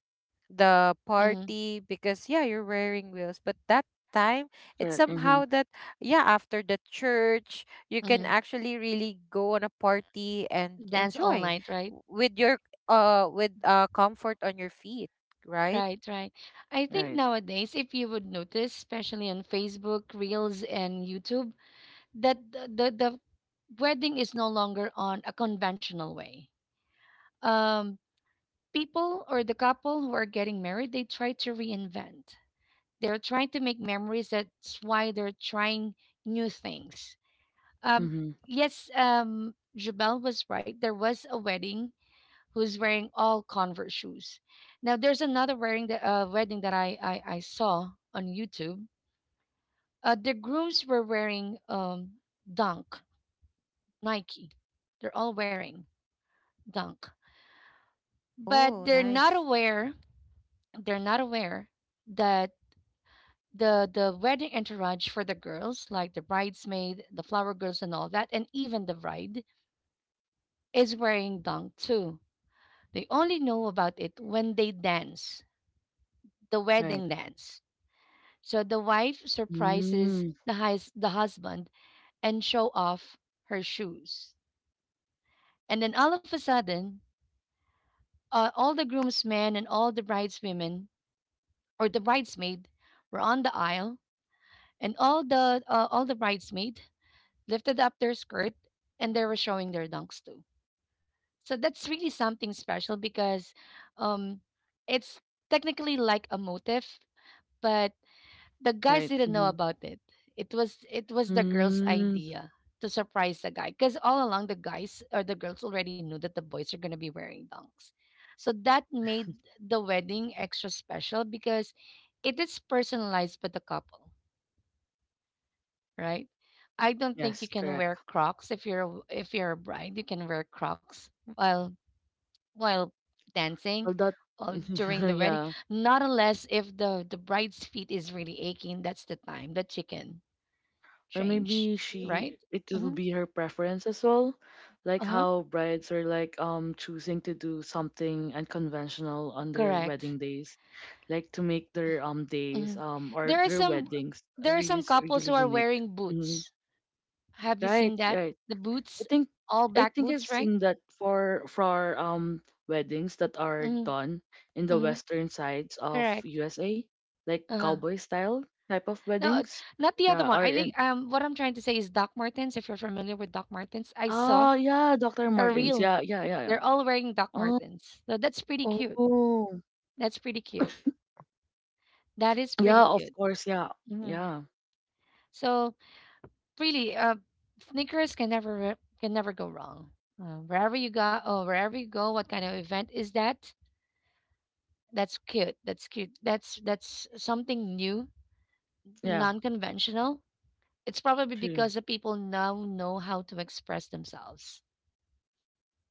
S3: the
S1: mhm,
S3: party. Because yeah, you're wearing wheels, but that time it's
S2: Correct. Mhm.
S3: somehow that, yeah, after the church, you can
S1: mhm.
S3: actually really go on a party and
S1: Dance all
S3: enjoy
S1: night, right?
S3: with your, with comfort on your feet, right?
S1: Right, right. I think
S2: Right.
S1: nowadays, if you would notice, especially on Facebook, Reels, and YouTube, that the wedding is no longer on a conventional way. Um, people or the couple who are getting married, they try to reinvent. They're trying to make memories. That's why they're trying new things. Um,
S2: Mhm.
S1: yes, Jabel was right. There was a wedding who's wearing all Converse shoes. Now there's another wearing the wedding that I saw on YouTube. The grooms were wearing Dunk Nike. They're all wearing Dunk, but
S3: Oh
S1: they're not
S3: nice.
S1: aware. They're not aware that the wedding entourage for the girls, like the bridesmaid, the flower girls, and all that, and even the bride is wearing dong too. They only know about it when they dance, the
S2: Right.
S1: wedding dance. So the wife surprises
S2: Mm.
S1: the the husband and show off her shoes, and then all of a sudden, all the groomsmen and all the brideswomen or the bridesmaid were on the aisle, and all the bridesmaid lifted up their skirt, and they were showing their dunks too. So that's really something special because um, it's technically like a motif, but the guys
S2: Right.
S1: didn't know
S2: Mhm.
S1: about it. It was the girls'
S2: Mm.
S1: idea to surprise the guy because all along the guys or the girls already knew that the boys are gonna be wearing dunks. So that made the wedding extra special because it is personalized by the couple, right? I don't think you
S2: Yes.
S1: can
S2: Correct.
S1: wear Crocs if you're a bride. You can wear Crocs while while dancing
S2: Well, that.
S1: or during the wedding,
S2: Yeah.
S1: not unless if the bride's feet is really aching. That's the time that you can
S2: Or
S1: change,
S2: maybe she,
S1: right?
S2: it will
S1: Mm-hmm.
S2: be her preference as well,
S1: Uh
S2: like
S1: huh.
S2: how brides are like choosing to do something unconventional on their
S1: Correct.
S2: wedding days, like to make their days
S1: Mm-hmm.
S2: or
S1: There are
S2: their
S1: some
S2: weddings
S1: there are some couples
S2: really
S1: who are
S2: unique.
S1: wearing
S2: Hmm.
S1: boots. Have you
S2: Right,
S1: seen that?
S2: right.
S1: The
S2: i
S1: boots,
S2: think
S1: all
S2: i
S1: black
S2: think I've
S1: boots, right?
S2: seen that for weddings that are
S1: Mm-hmm.
S2: done in the
S1: Mm-hmm.
S2: western sides of
S1: Correct.
S2: USA, like
S1: Uh huh.
S2: cowboy style type of
S1: No,
S2: weddings.
S1: not the other
S2: Yeah,
S1: one.
S2: are
S1: I
S2: in.
S1: think what I'm trying to say is Doc Martens. If you're familiar with Doc Martens, I saw
S2: Ah, yeah, Dr.
S1: a
S2: Martens.
S1: reel.
S2: Yeah, yeah, yeah, yeah.
S1: They're all wearing Doc
S2: Oh,
S1: Martens. So that's pretty cute.
S2: oh.
S1: That's pretty cute. That is pretty
S2: Yeah, of
S1: cute.
S2: course. Yeah,
S1: Hmm.
S2: yeah,
S1: So really, sneakers can never go wrong. Wherever you go, oh, wherever you go, what kind of event is that? That's cute. That's cute. That's something new,
S2: yeah.
S1: non-conventional. It's probably
S2: True.
S1: because the people now know how to express themselves,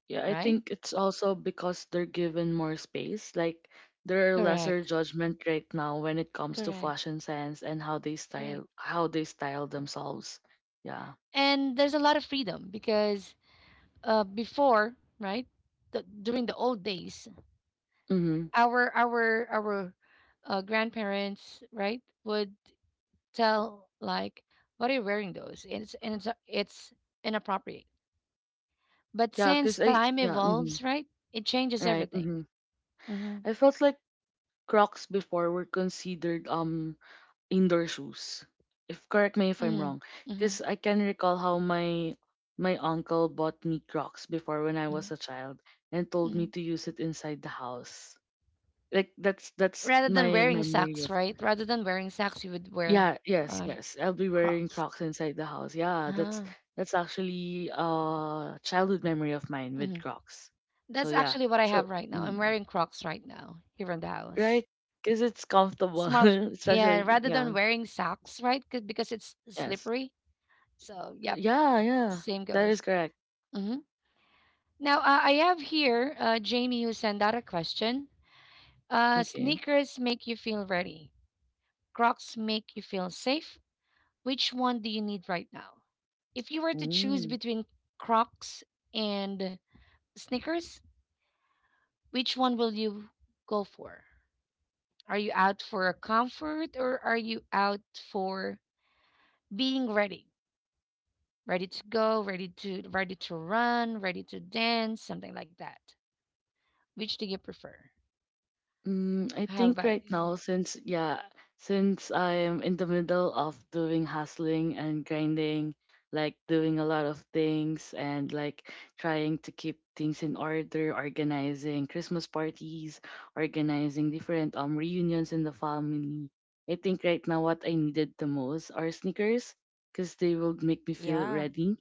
S2: Yeah, I
S1: right?
S2: think it's also because they're given more space. Like there are lesser
S1: Correct.
S2: judgment right now when it comes to
S1: Correct.
S2: fashion sense and
S1: Correct.
S2: how they style themselves. Yeah.
S1: And there's a lot of freedom because before, right? During the old days,
S2: Mm-hmm.
S1: our grandparents, right, would tell like, "What are you wearing those?" And it's inappropriate. But
S2: Yeah,
S1: since
S2: cause I
S1: time
S2: yeah. Mm-hmm.
S1: evolves, right, it changes
S2: Right.
S1: everything.
S2: Mm-hmm.
S1: Mm-hmm.
S2: I felt like Crocs before were considered indoor shoes. If correct me if I'm wrong,
S1: Mm-hmm. Mm-hmm.
S2: because I can recall how my uncle bought me Crocs before when I
S1: Mm-hmm.
S2: was a child and told me
S1: Mm-hmm.
S2: to use it inside the house. Like that's
S1: Rather than
S2: my
S1: wearing
S2: memory
S1: socks,
S2: of
S1: right? Rather than wearing socks, you would wear
S2: yeah. Yes,
S1: uh,
S2: yes, I'll be wearing
S1: Crocs.
S2: Crocs inside the house. Yeah,
S1: Ah.
S2: that's actually a childhood memory of mine with
S1: Mm-hmm.
S2: Crocs. So
S1: That's
S2: yeah,
S1: actually what I
S2: so
S1: have right now. I'm
S2: mm,
S1: wearing Crocs right now here in the house.
S2: right, because it's comfortable,
S1: It's more, of- yeah,
S2: especially
S1: rather
S2: yeah.
S1: than wearing socks, right? Because it's
S2: Yes,
S1: slippery. So, yep,
S2: yeah, yeah,
S1: same
S2: that is
S1: goes.
S2: correct.
S1: Hmm. Now, I have here Jamie who sent out a question.
S2: Okay.
S1: Sneakers make you feel ready. Crocs make you feel safe. Which one do you need right now? If you were to choose
S2: Mm.
S1: between Crocs and sneakers, which one will you go for? Are you out for a comfort or are you out for being ready? Ready to go, ready to run, ready to dance, something like that. Which do you prefer?
S2: Mm, I
S1: How
S2: think right
S1: about you?
S2: now, since yeah, since I am in the middle of doing hustling and grinding, like doing a lot of things and like trying to keep things in order, organizing Christmas parties, organizing different reunions in the family. I think right now what I needed the most are sneakers because they will make me feel
S3: Yeah
S2: ready.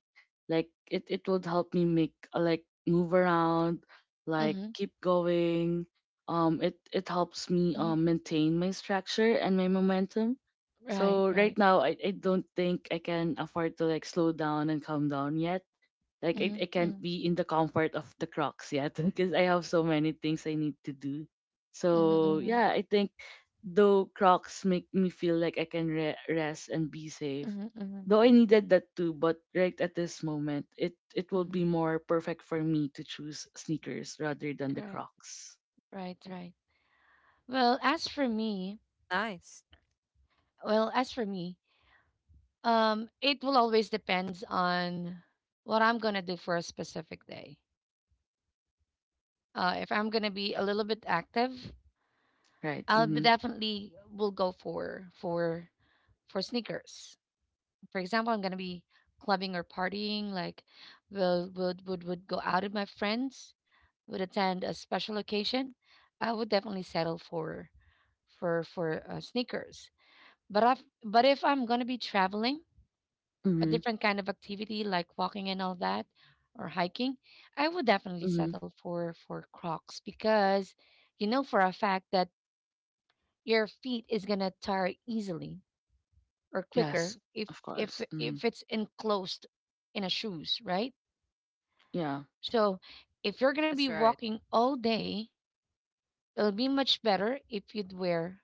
S2: Like it would help me make like move around, like
S1: Mm-hmm,
S2: keep going. It helps me
S1: mm-hmm.
S2: maintain my structure and my momentum.
S1: Right,
S2: So right
S1: right.
S2: now, I don't think I can afford to like slow down and calm down yet. Like
S1: Mm-hmm,
S2: I can't
S1: mm-hmm,
S2: be in the comfort of the Crocs yet because I have so many things I need to do. So
S1: mm-hmm,
S2: yeah, I think though Crocs make me feel like I can rest and be safe,
S1: mm-hmm, mm-hmm,
S2: though I needed that too, but right at this moment it will
S1: mm-hmm.
S2: be more perfect for me to choose sneakers rather than the
S1: Correct.
S2: Crocs.
S1: Right, right. Well, as for me,
S3: nice.
S1: well, as for me, it will always depends on what I'm gonna do for a specific day. If I'm gonna be a little bit active,
S2: Right.
S1: I'll be
S2: Mm-hmm.
S1: definitely will go for sneakers. For example, I'm gonna be clubbing or partying, like will would go out with my friends, would attend a special occasion. I would definitely settle for sneakers. But if I'm gonna be traveling, a
S2: Mm-hmm.
S1: different kind of activity like walking and all that, or hiking, I would definitely
S2: Mm-hmm.
S1: settle for Crocs because you know for a fact that your feet is gonna tire easily or quicker
S2: Yes,
S1: if
S2: of
S1: if
S2: course. Mm-hmm.
S1: if it's enclosed in a shoes, right?
S2: Yeah.
S1: So if you're gonna
S3: That's
S1: be
S3: right.
S1: walking all day, it'll be much better if you'd wear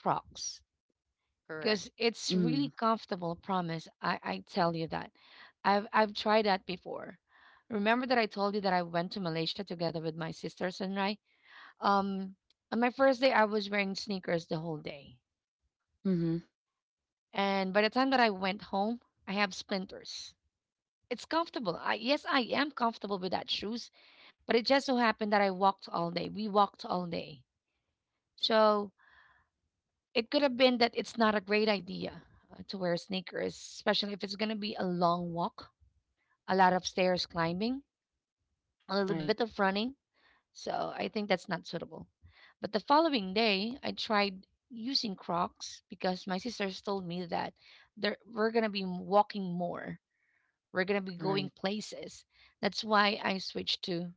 S1: Crocs
S3: Correct.
S1: because it's really
S2: Mm-hmm.
S1: comfortable. Promise, I tell you that. I've tried that before. Remember that I told you that I went to Malaysia together with my sisters and I. Um, on my first day, I was wearing sneakers the whole day,
S2: Mm-hmm.
S1: and by the time that I went home, I have splinters. It's comfortable. I yes, I am comfortable with that shoes, but it just so happened that I walked all day. We walked all day. So it could have been that it's not a great idea to wear sneakers, especially if it's going to be a long walk, a lot of stairs climbing, a little bit
S2: Right.
S1: of running. So I think that's not suitable. But the following day, I tried using Crocs because my sisters told me that there we're going to be walking more. We're going to be going
S2: Right.
S1: places. That's why I switched to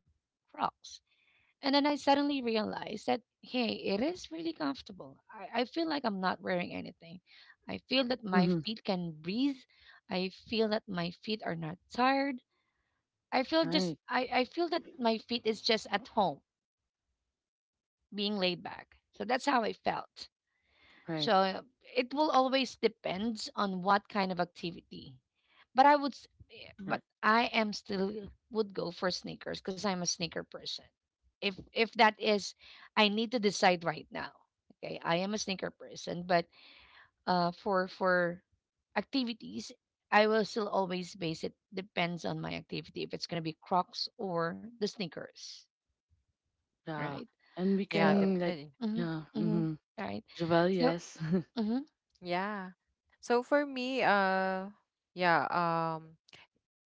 S1: Crocs. And then I suddenly realized that, hey, it is really comfortable. I feel like I'm not wearing anything. I feel that my
S2: Mm-hmm.
S1: feet can breathe. I feel that my feet are not tired. I feel just
S2: Right.
S1: I, I feel that my feet is just at home being laid back. So that's how I felt. So
S2: Right.
S1: it will always depends on what kind of activity. But
S2: Right.
S1: I am still would go for sneakers because I'm a sneaker person. If that is, I need to decide right now. Okay, I am a sneaker person, but for activities, I will still always base it depends on my activity if it's gonna be Crocs or the sneakers,
S2: Yeah.
S1: right?
S2: And we
S3: yeah the,
S1: So,
S2: can like
S1: mm-hmm,
S2: yeah.
S1: mm-hmm,
S2: Mm-hmm.
S1: right.
S2: Javel,
S1: So,
S2: yes.
S1: mm-hmm,
S3: yeah, so for me, yeah.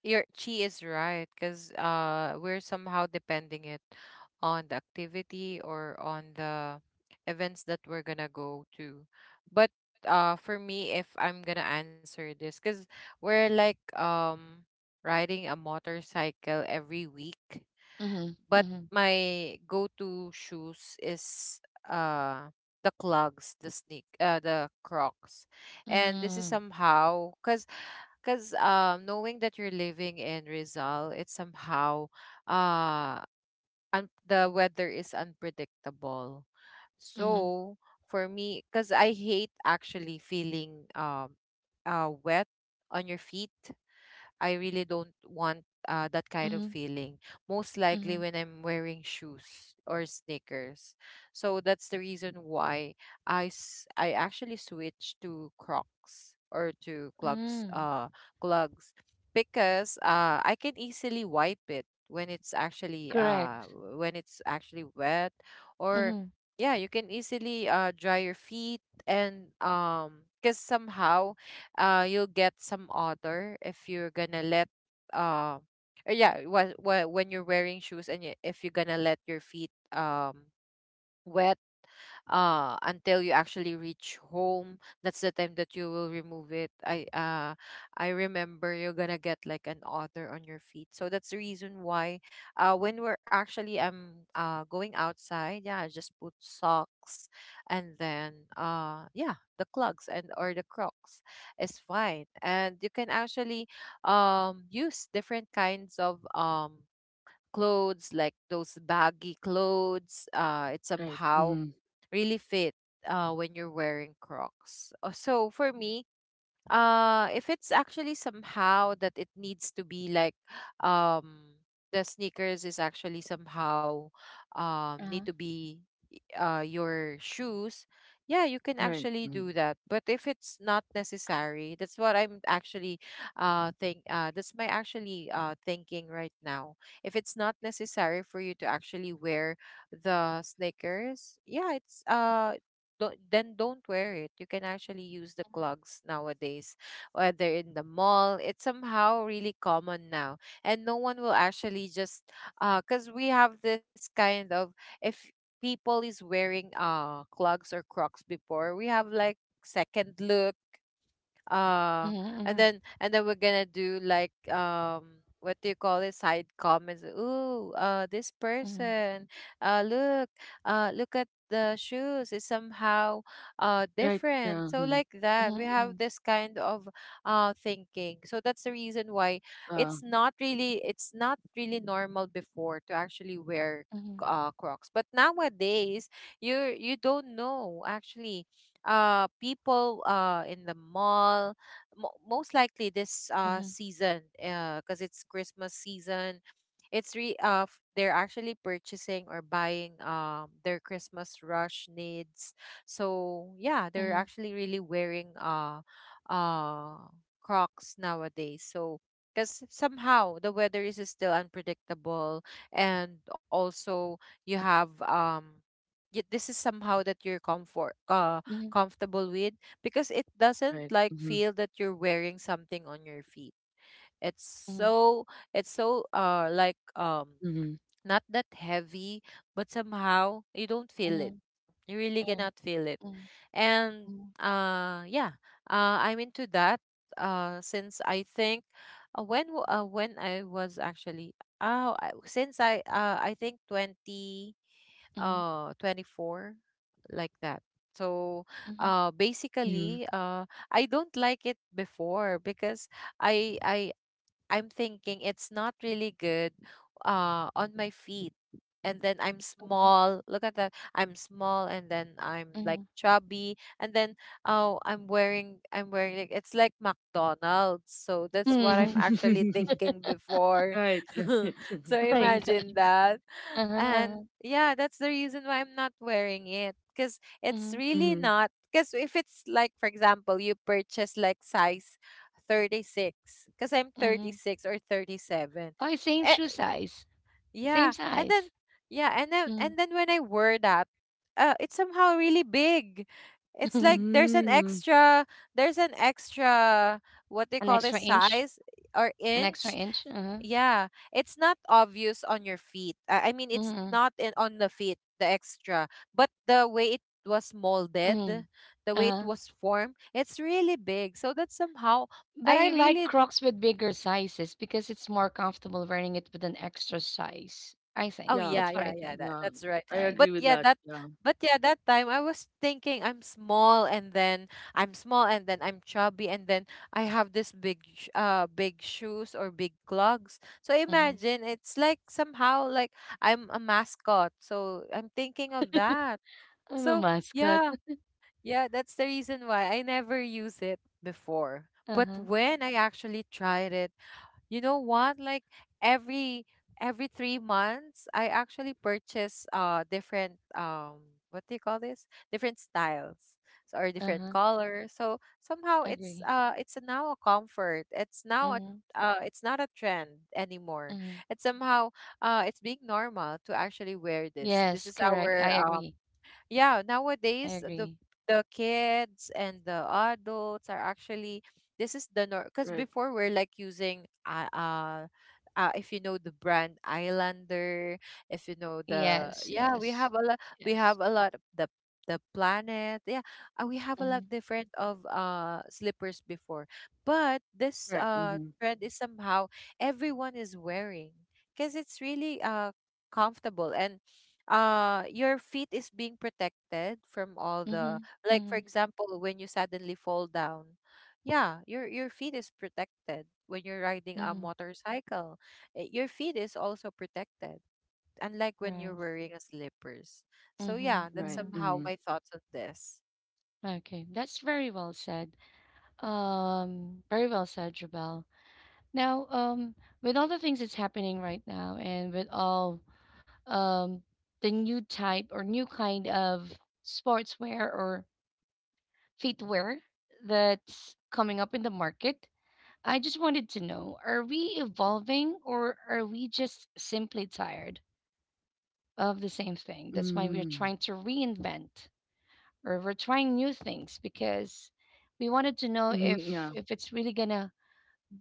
S3: Your she is right because we're somehow depending it on the activity or on the events that we're gonna go to. But for me, if I'm gonna answer this, because we're like, riding a motorcycle every week. But
S1: mm-hmm,
S3: my go-to shoes is, uh the clogs, the Crocs. And this is
S1: mm-hmm,
S3: somehow cuz, knowing that you're living in Rizal, it's somehow, uh the weather is unpredictable.
S1: mm-hmm, mm-hmm,
S3: So for me, because I hate actually feeling, wet on your feet. I really don't want, that kind
S1: mm-hmm,
S3: of feeling. Most
S1: mm-hmm,
S3: likely when I'm wearing shoes or sneakers. So that's the reason why I actually switched to Crocs or to clogs,
S1: mm,
S3: clogs, because I can easily wipe it when it's actually,
S1: correct.
S3: when it's actually wet. Or
S1: Mm-hmm.
S3: yeah, you can easily dry your feet, and because somehow you'll get some odor if you're gonna let, um yeah, when you're wearing shoes. And if you're gonna let your feet, wet, until you actually reach home, that's the time that you will remove it. I remember you're gonna get like an odor on your feet. So that's the reason why, when we're actually, going outside, yeah, I just put socks, and then, yeah, the clogs and, or the crocs is fine. And you can actually, use different kinds of, clothes, like those baggy clothes. It
S2: Right.
S3: somehow
S2: Mm-hmm.
S3: really fit, when you're wearing Crocs. So for me, if it's actually somehow that it needs to be like, um, the sneakers is actually somehow, need
S1: Uh-huh.
S3: to be, your shoes. Yeah, you can
S2: Right.
S3: actually
S2: Mm-hmm.
S3: do that. But if it's not necessary, that's what I'm actually, think. That's my actually, thinking right now. If it's not necessary for you to actually wear the sneakers, yeah, it's don't, then don't wear it. You can actually use the clogs nowadays, whether in the mall. It's somehow really common now, and no one will actually just, cause we have this kind of, if people is wearing clogs or Crocs before, we have like second look, uh and
S1: Mhm,
S3: then, and then we're gonna do like, what do you call it, side comments. Ooh, this
S1: mhm,
S3: person, uh look look at the shoes is somehow
S2: Right.
S3: different.
S2: Yeah.
S3: So
S2: Mm-hmm.
S3: like that,
S1: mhm,
S3: we have
S1: mhm,
S3: this kind of thinking. So that's the reason why
S2: Uh,
S3: it's not really normal before to actually wear
S1: mhm,
S3: crocs. But nowadays, you don't know actually, people in the mall, most likely this
S1: mhm,
S3: season, because it's Christmas season. They're actually purchasing or buying, their Christmas rush needs. So yeah, they're
S1: mhm,
S3: actually really wearing uh crocs nowadays. So because somehow the weather is still unpredictable. And also, you have, this is somehow that you're
S1: mhm,
S3: comfortable with, because it doesn't
S2: right.
S3: like
S2: Mm-hmm.
S3: feel that you're wearing something on your feet. it's
S1: mhm,
S3: so it's so, like,
S2: Mm-hmm.
S3: not that heavy, but somehow you don't feel
S1: mhm.
S3: it,
S1: Mhm.
S3: you really
S1: Alright.
S3: cannot feel it.
S1: Mhm,
S3: And
S1: mhm,
S3: yeah, I'm into that since I think, when I was actually, oh I, since I think 20
S1: mhm,
S3: 24, like that. So
S1: mhm, mhm,
S2: Mm-hmm.
S3: basically, I don't like it before, because I i'm thinking it's not really good on my feet. And then I'm small. Look at that. I'm small and then I'm
S1: mhm.
S3: like chubby. And then, oh, I'm wearing like, it's like McDonald's. So that's what I'm
S1: Mhm.
S3: actually thinking before.
S2: Right. Right.
S3: So
S1: Like,
S3: imagine that.
S1: uh-huh, uh-huh.
S3: And yeah, that's the reason why I'm not wearing it. Because it's
S1: Mhm,
S3: really
S2: Mm-hmm.
S3: not, because if it's, like, for example, you purchase like size 36, because I'm
S1: mhm.
S3: 36 or 37.
S1: Oh, it's same
S3: Eh,
S1: shoe size.
S3: yeah.
S1: Same
S3: And then,
S1: size.
S3: yeah,
S1: Mhm,
S3: and then when I wear that, it's somehow really big. It's like
S1: mhm.
S3: there's an
S2: Mm-hmm.
S3: extra, there's an extra what they
S1: An
S3: call this,
S1: extra inch.
S3: size or
S1: An extra
S3: inch.
S1: inch. Uh-huh.
S3: Yeah. It's not obvious on your feet. I mean, it's
S1: Mhm,
S3: not in on the feet, the extra, but the way it was molded,
S1: mhm,
S3: the way it
S1: uh-huh.
S3: was formed, it's really big. So that somehow,
S1: But I
S3: I
S1: like
S3: really.
S1: Crocs with bigger sizes because it's more comfortable wearing it with an extra size. I
S3: Oh
S1: think.
S2: Yeah.
S3: yeah,
S1: That's what I
S3: yeah, yeah.
S1: think.
S2: Yeah.
S3: That's right.
S2: I
S1: Right.
S3: But
S2: agree with
S3: yeah,
S2: that.
S3: that
S2: Yeah.
S3: but yeah, that time I was thinking I'm small, and then I'm small, and then I'm chubby, and then I have this big, big shoes, or big clogs. So
S1: Mm-hmm.
S3: imagine it's like somehow like I'm a mascot. So I'm thinking of that.
S1: I'm a
S3: So
S1: mascot.
S3: yeah, yeah, that's the reason why I never use it before. But
S1: Uh-huh.
S3: when I actually tried it, you know what? Like, every every 3 months, I actually purchase different, what do you call this? Different styles, so, or different
S1: Uh-huh.
S3: colors. So somehow
S1: Agree.
S3: it's now a comfort. It's now a,
S1: Mm-hmm.
S3: it's not a trend anymore.
S1: Mm-hmm.
S3: It's somehow, it's being normal to actually wear this. This
S1: Yes,
S3: is
S1: correct. I
S3: our,
S1: agree.
S3: yeah,
S1: I
S3: nowadays
S1: agree.
S3: the kids and the adults are actually, this is the norm. Because
S2: Right.
S3: before we're like using, if you know the brand Islander. If you know the,
S1: Yes,
S3: yeah, we
S1: yes.
S3: have a lot. We
S1: Yes.
S3: have a lot of the planet. Yeah, we have a lot
S1: Mm-hmm.
S3: different of slippers before, but this
S2: Correct. Mm-hmm.
S3: trend is somehow everyone is wearing because it's really comfortable and your feet is being protected from all
S1: Mm-hmm.
S3: the, like for
S1: Mm-hmm.
S3: example when you suddenly fall down, yeah, your feet is protected when you're riding a
S1: Mm-hmm.
S3: motorcycle. Your feet is also protected unlike when you're
S1: Right.
S3: wearing a slippers. So
S1: Mm-hmm.
S3: yeah, that's
S2: Right.
S1: Mm-hmm.
S3: somehow
S2: Mm-hmm.
S3: my thoughts on this.
S1: Okay. That's very well said. Very well said, Jabal. Now, with all the things that's happening right now and with all um the new type or new kind of sportswear or footwear that's coming up in the market, I just wanted to know are we evolving or are we just simply tired of the same thing? That's why we're
S2: Mm,
S1: trying to reinvent or we're trying new things because we wanted to know
S2: mhm,
S1: if
S2: yeah,
S1: if it's really going to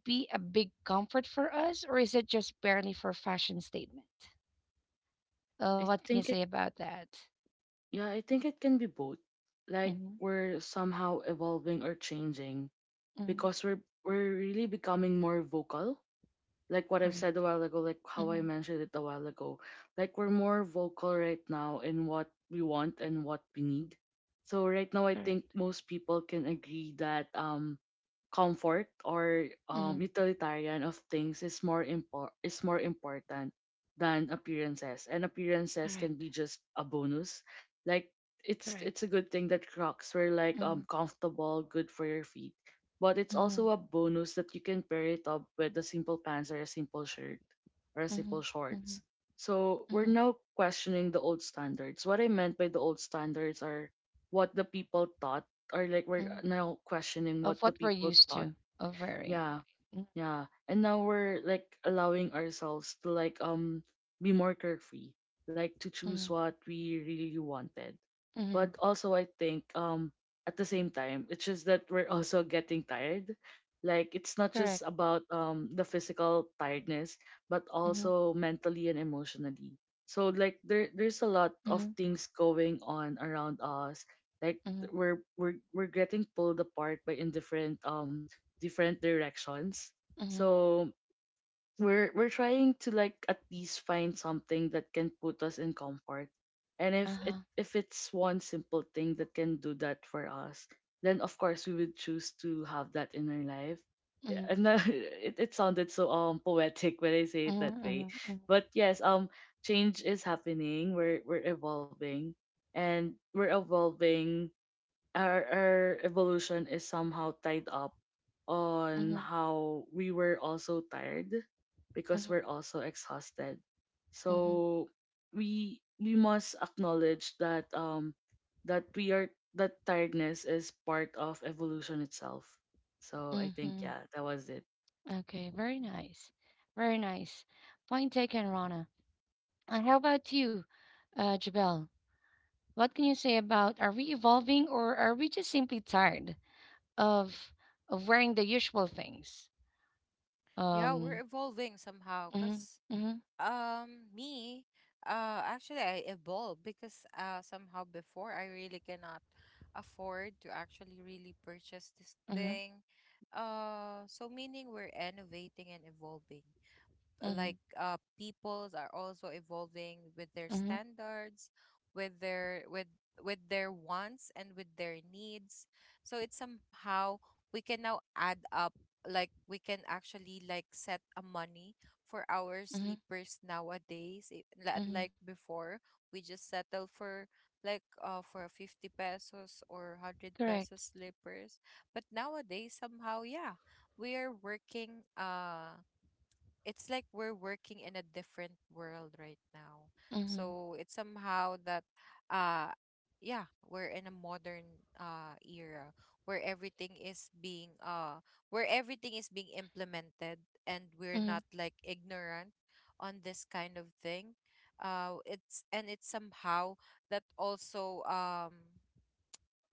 S1: be a big comfort for us or is it just barely for fashion statement?
S2: I
S1: What can you
S2: think
S1: say
S2: it.
S1: about that?
S2: Yeah, I think it can be both. Like
S1: Mm-hmm.
S2: we're somehow evolving or changing
S1: Mm-hmm.
S2: because we're really becoming more vocal. Like what I've said a
S1: Correct.
S2: while ago, like how I
S1: Mm-hmm.
S2: mentioned it a while ago, like we're more vocal right now in what we want and what we need. So right now, I think
S1: Correct.
S2: most people can agree that comfort or
S1: Mm-hmm.
S2: utilitarian of things is is more important than appearances, and appearances can
S1: Correct.
S2: be just a bonus. Like it's
S1: Correct.
S2: a good thing that Crocs were like
S1: Mm-hmm.
S2: comfortable, good for your feet, but it's
S1: Mm-hmm.
S2: also a bonus that you can pair it up with a simple pants or a simple shirt or a
S1: Mm-hmm.
S2: simple
S1: Mm-hmm.
S2: shorts. So we're
S1: Mm-hmm.
S2: now questioning the old standards. What I meant by the old standards are what the people thought, or like we're now questioning
S1: Of
S2: what the
S1: what we're
S2: people
S1: used
S2: thought.
S1: to of wearing,
S2: Yeah,
S1: right?
S2: yeah. And now we're like allowing ourselves to like be more carefree, like to
S1: Mm-hmm.
S2: choose what we really wanted.
S1: Mm-hmm.
S2: But also I think at the same time, it's just that we're also getting tired. Like it's not
S1: Correct.
S2: just about the physical tiredness, but
S1: Mm-hmm.
S2: also mentally and emotionally. So like there's a lot of
S1: Mm-hmm.
S2: things going on around us. Like
S1: Mm-hmm.
S2: we're we're getting pulled apart by in different different directions.
S1: Mm-hmm.
S2: So we're trying to like at least find something that can put us in comfort, and if
S1: Uh-huh.
S2: it if it's one simple thing that can do that for us, then of course we would choose to have that in our life. Yeah,
S1: Mm-hmm.
S2: and that, it sounded so poetic when I say it that
S1: Mm-hmm.
S2: way,
S1: Mm-hmm.
S2: but yes, change is happening, we're evolving, and we're evolving. Our evolution is somehow tied up on
S1: Mm-hmm.
S2: how we were also tired, because
S1: Mm-hmm.
S2: we're also exhausted.
S1: Mm-hmm.
S2: So we must acknowledge that that we are that tiredness is part of evolution itself. So I think
S1: Mm-hmm.
S2: yeah, that was it.
S1: Okay, very nice. Very nice. Point taken, Rana. And how about you, Jabel? What can you say about are we evolving or are we just simply tired of of wearing the usual things?
S3: Yeah, we're
S1: Um,
S3: evolving somehow
S1: mm-hmm,
S3: cuz
S1: mm-hmm,
S3: Me, actually, I evolved because somehow before I really cannot afford to actually really purchase this
S1: mm-hmm,
S3: thing. So meaning we're innovating and evolving,
S1: mm-hmm,
S3: like peoples are also evolving with their
S1: mm-hmm,
S3: standards, with their with their wants and with their needs. So it's somehow we can now add up, like we can actually like set a money for our
S1: mm-hmm.
S3: sleepers nowadays, unlike
S1: Mm-hmm.
S3: before we just settle for, like for 50 pesos or 100 pesos
S1: Correct.
S3: sleepers. But nowadays, somehow, yeah, we are working. It's like we're working in a different world right now.
S1: Mhm,
S3: So it's somehow that, uh yeah, we're in a modern era where everything is being implemented, and we're not
S1: mhm,
S3: like ignorant on this kind of thing. It's and it's somehow that also, um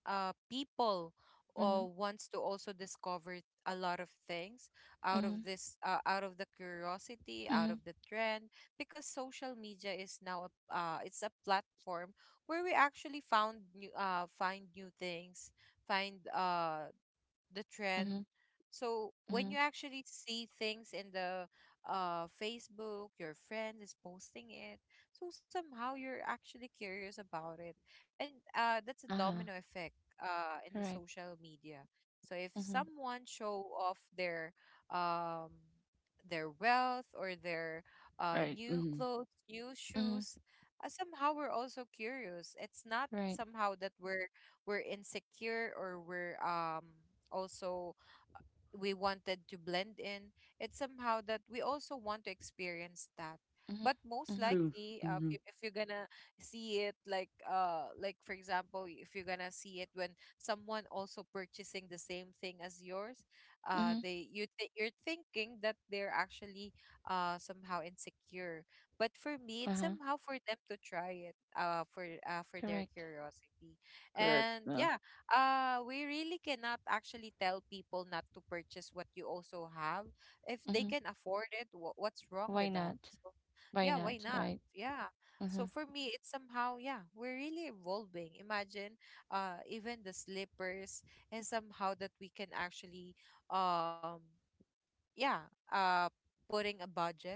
S3: uh, people
S1: mhm,
S3: wants to also discover a lot of things out of
S1: mhm,
S3: this out of the curiosity, out
S1: mhm,
S3: of the trend, because social media is now it's a platform where we actually found new find new things, find the trend.
S1: mhm,
S3: So when
S1: mhm.
S3: you actually see things in the Facebook, your friend is posting it, so somehow you're actually curious about it, and that's a domino
S1: Uh-huh.
S3: effect in the
S1: Correct.
S3: social media. So if
S1: Mhm,
S3: someone show off their, um their wealth or their
S2: Right,
S3: new
S2: mm-hmm.
S3: clothes, new shoes,
S1: mhm.
S3: somehow we're also curious. It's not
S1: Right.
S3: somehow that we're insecure, or we're, also, we wanted to blend in. It's somehow that we also want to experience that. But
S1: Mhm,
S3: most
S1: mhm,
S2: True,
S3: likely,
S2: mm-hmm.
S3: if you're gonna see it, like for example, if you're gonna see it when someone also purchasing the same thing as yours,
S1: mhm.
S3: you're thinking that they're actually somehow insecure. But for me, it's
S1: Uh-huh.
S3: somehow for them to try it, for their
S1: Correct.
S3: curiosity.
S2: Correct,
S3: And
S2: yeah.
S3: yeah, we really cannot actually tell people not to purchase what you also have. If they
S1: Mhm.
S3: can afford it, what's wrong
S1: Why
S3: with that?
S1: not?
S3: So
S1: Why
S3: yeah,
S1: not?
S3: why not?
S1: Right.
S3: Yeah.
S1: Uh-huh.
S3: So for me, it's somehow, yeah, we're really evolving. Imagine, even the slippers, and somehow that we can actually, um yeah uh putting a budget,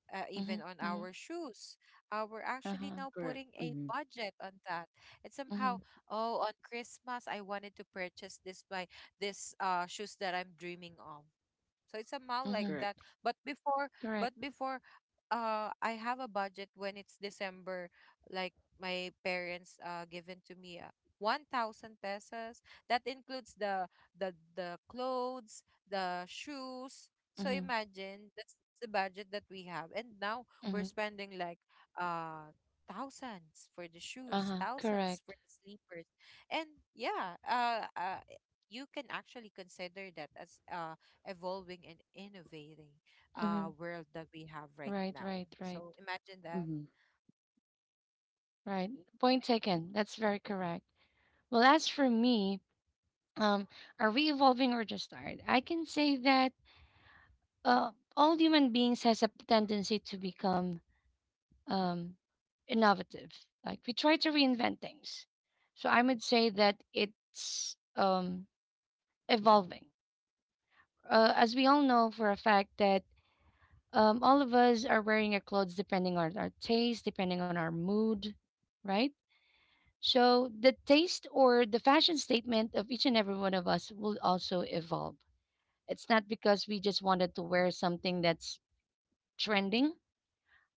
S3: even on
S1: Mhm,
S3: our
S1: mhm.
S3: shoes. We're actually
S1: Uh-huh.
S3: now putting
S2: Correct,
S3: a
S2: mm-hmm.
S3: budget on that. And somehow,
S1: Mhm,
S3: oh, on Christmas, I wanted to purchase this shoes that I'm dreaming of. So it's somehow like
S1: mhm.
S3: that.
S2: Correct,
S3: But before, but
S1: Correct.
S3: before, I have a budget when it's December, like my parents given to me, 1,000 pesos. That includes the clothes, the shoes. So
S1: Mhm,
S3: imagine that's the budget that we have, and now we're
S1: mhm.
S3: spending like, uh thousands for the shoes,
S1: Uh-huh.
S3: thousands for the
S1: Correct.
S3: sleepers, and yeah, you can actually consider that as evolving and innovating
S1: Mhm.
S3: world that we have right
S1: Right.
S3: now.
S1: Right. Right.
S3: So imagine that.
S2: mm-hmm.
S1: Right. Point taken. That's very correct. Well, as for me, um, are we evolving or just tired? I can say that uh, all human beings has a tendency to become um, innovative. Like we try to reinvent things. So I would say that it's evolving. As we all know for a fact that all of us are wearing our clothes depending on our taste, depending on our mood, right? So the taste or the fashion statement of each and every one of us will also evolve. It's not because we just wanted to wear something that's trending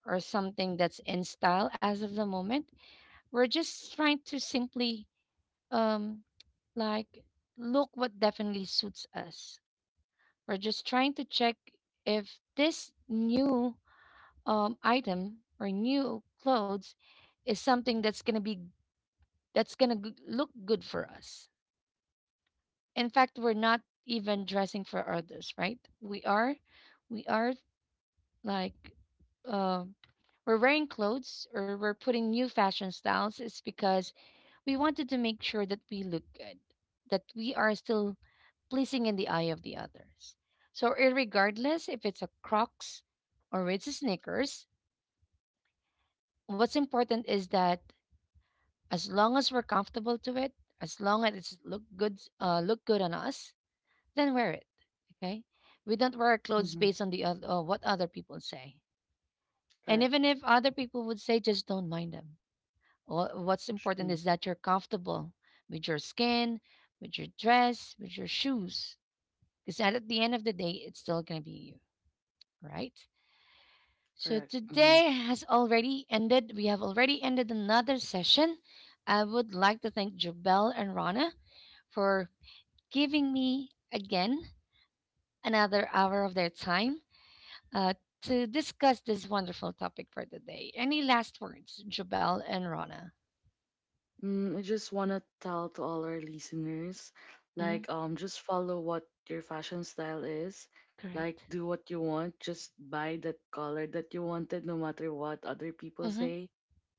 S1: or something that's in style as of the moment. We're just trying to simply um like look what definitely suits us. We're just trying to check if this new item or new clothes is something that's going to look good for us. In fact, we're not even dressing for others, right? We are like uh, we're wearing clothes or we're putting new fashion styles is because we wanted to make sure that we look good, that we are still pleasing in the eye of the others. So, regardless if it's a Crocs or it's a Snickers, what's important is that as long as we're comfortable to it, as long as it's look good on us, then wear it. Okay, we don't wear our clothes
S2: Mm-hmm.
S1: based on what other people say. And
S2: Correct.
S1: even if other
S2: Mhm.
S1: people would say, just don't mind them. What's important
S2: True.
S1: is that you're comfortable with your skin, with your dress, with your shoes. Because at the end of the day, it's still going to be you, right? So
S2: Correct. Mm-hmm.
S1: today has already ended. We have already ended another session. I would like to thank Jubel and Rana for giving me again another hour of their time uh, to discuss this wonderful topic for the day. Any last words, Jubel and Rana?
S2: Mm, I just want to tell to all our listeners, like, just follow what your fashion style is. Like,
S1: Correct.
S2: do what you want. Just buy that color that you wanted, no matter what other people
S1: Mm-hmm.
S2: say.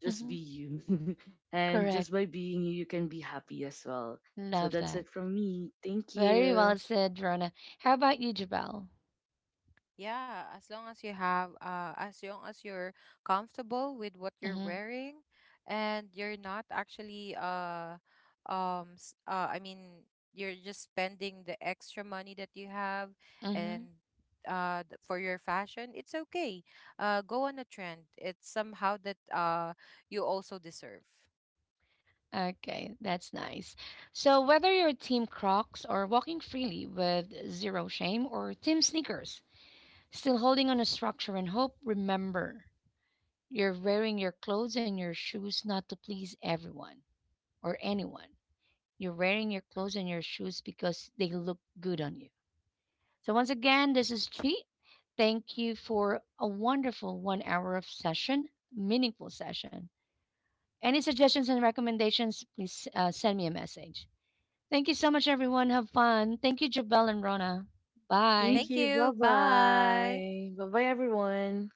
S2: Just
S1: Mm-hmm.
S2: be you. And
S1: Correct.
S2: just by being you, you can be happy as well. So
S1: Love
S2: that's
S1: that.
S2: it from me. Thank
S1: Very
S2: you.
S1: well said, Rona. How about you, Jabal?
S3: Yeah, as long as you're comfortable with what you're
S1: Mm-hmm.
S3: wearing, and you're not actually, I mean, you're just spending the extra money that you have, and
S1: Mm-hmm.
S3: for your fashion, it's okay. Go on a trend. It's somehow that, you also deserve.
S1: Okay, that's nice. So whether you're Team Crocs or walking freely with zero shame or Team Sneakers, still holding on a structure and hope, remember you're wearing your clothes and your shoes not to please everyone or anyone. You're wearing your clothes and your shoes because they look good on you. So, once again, this is Chi. Thank you for a wonderful 1 hour of session, meaningful session. Any suggestions and recommendations, please send me a message. Thank you so much, everyone. Have fun. Thank you, Jabel and Rona.
S2: Thank
S1: Bye.
S3: Thank
S2: you. Bye
S3: you. Bye.
S2: bye. Bye bye, everyone.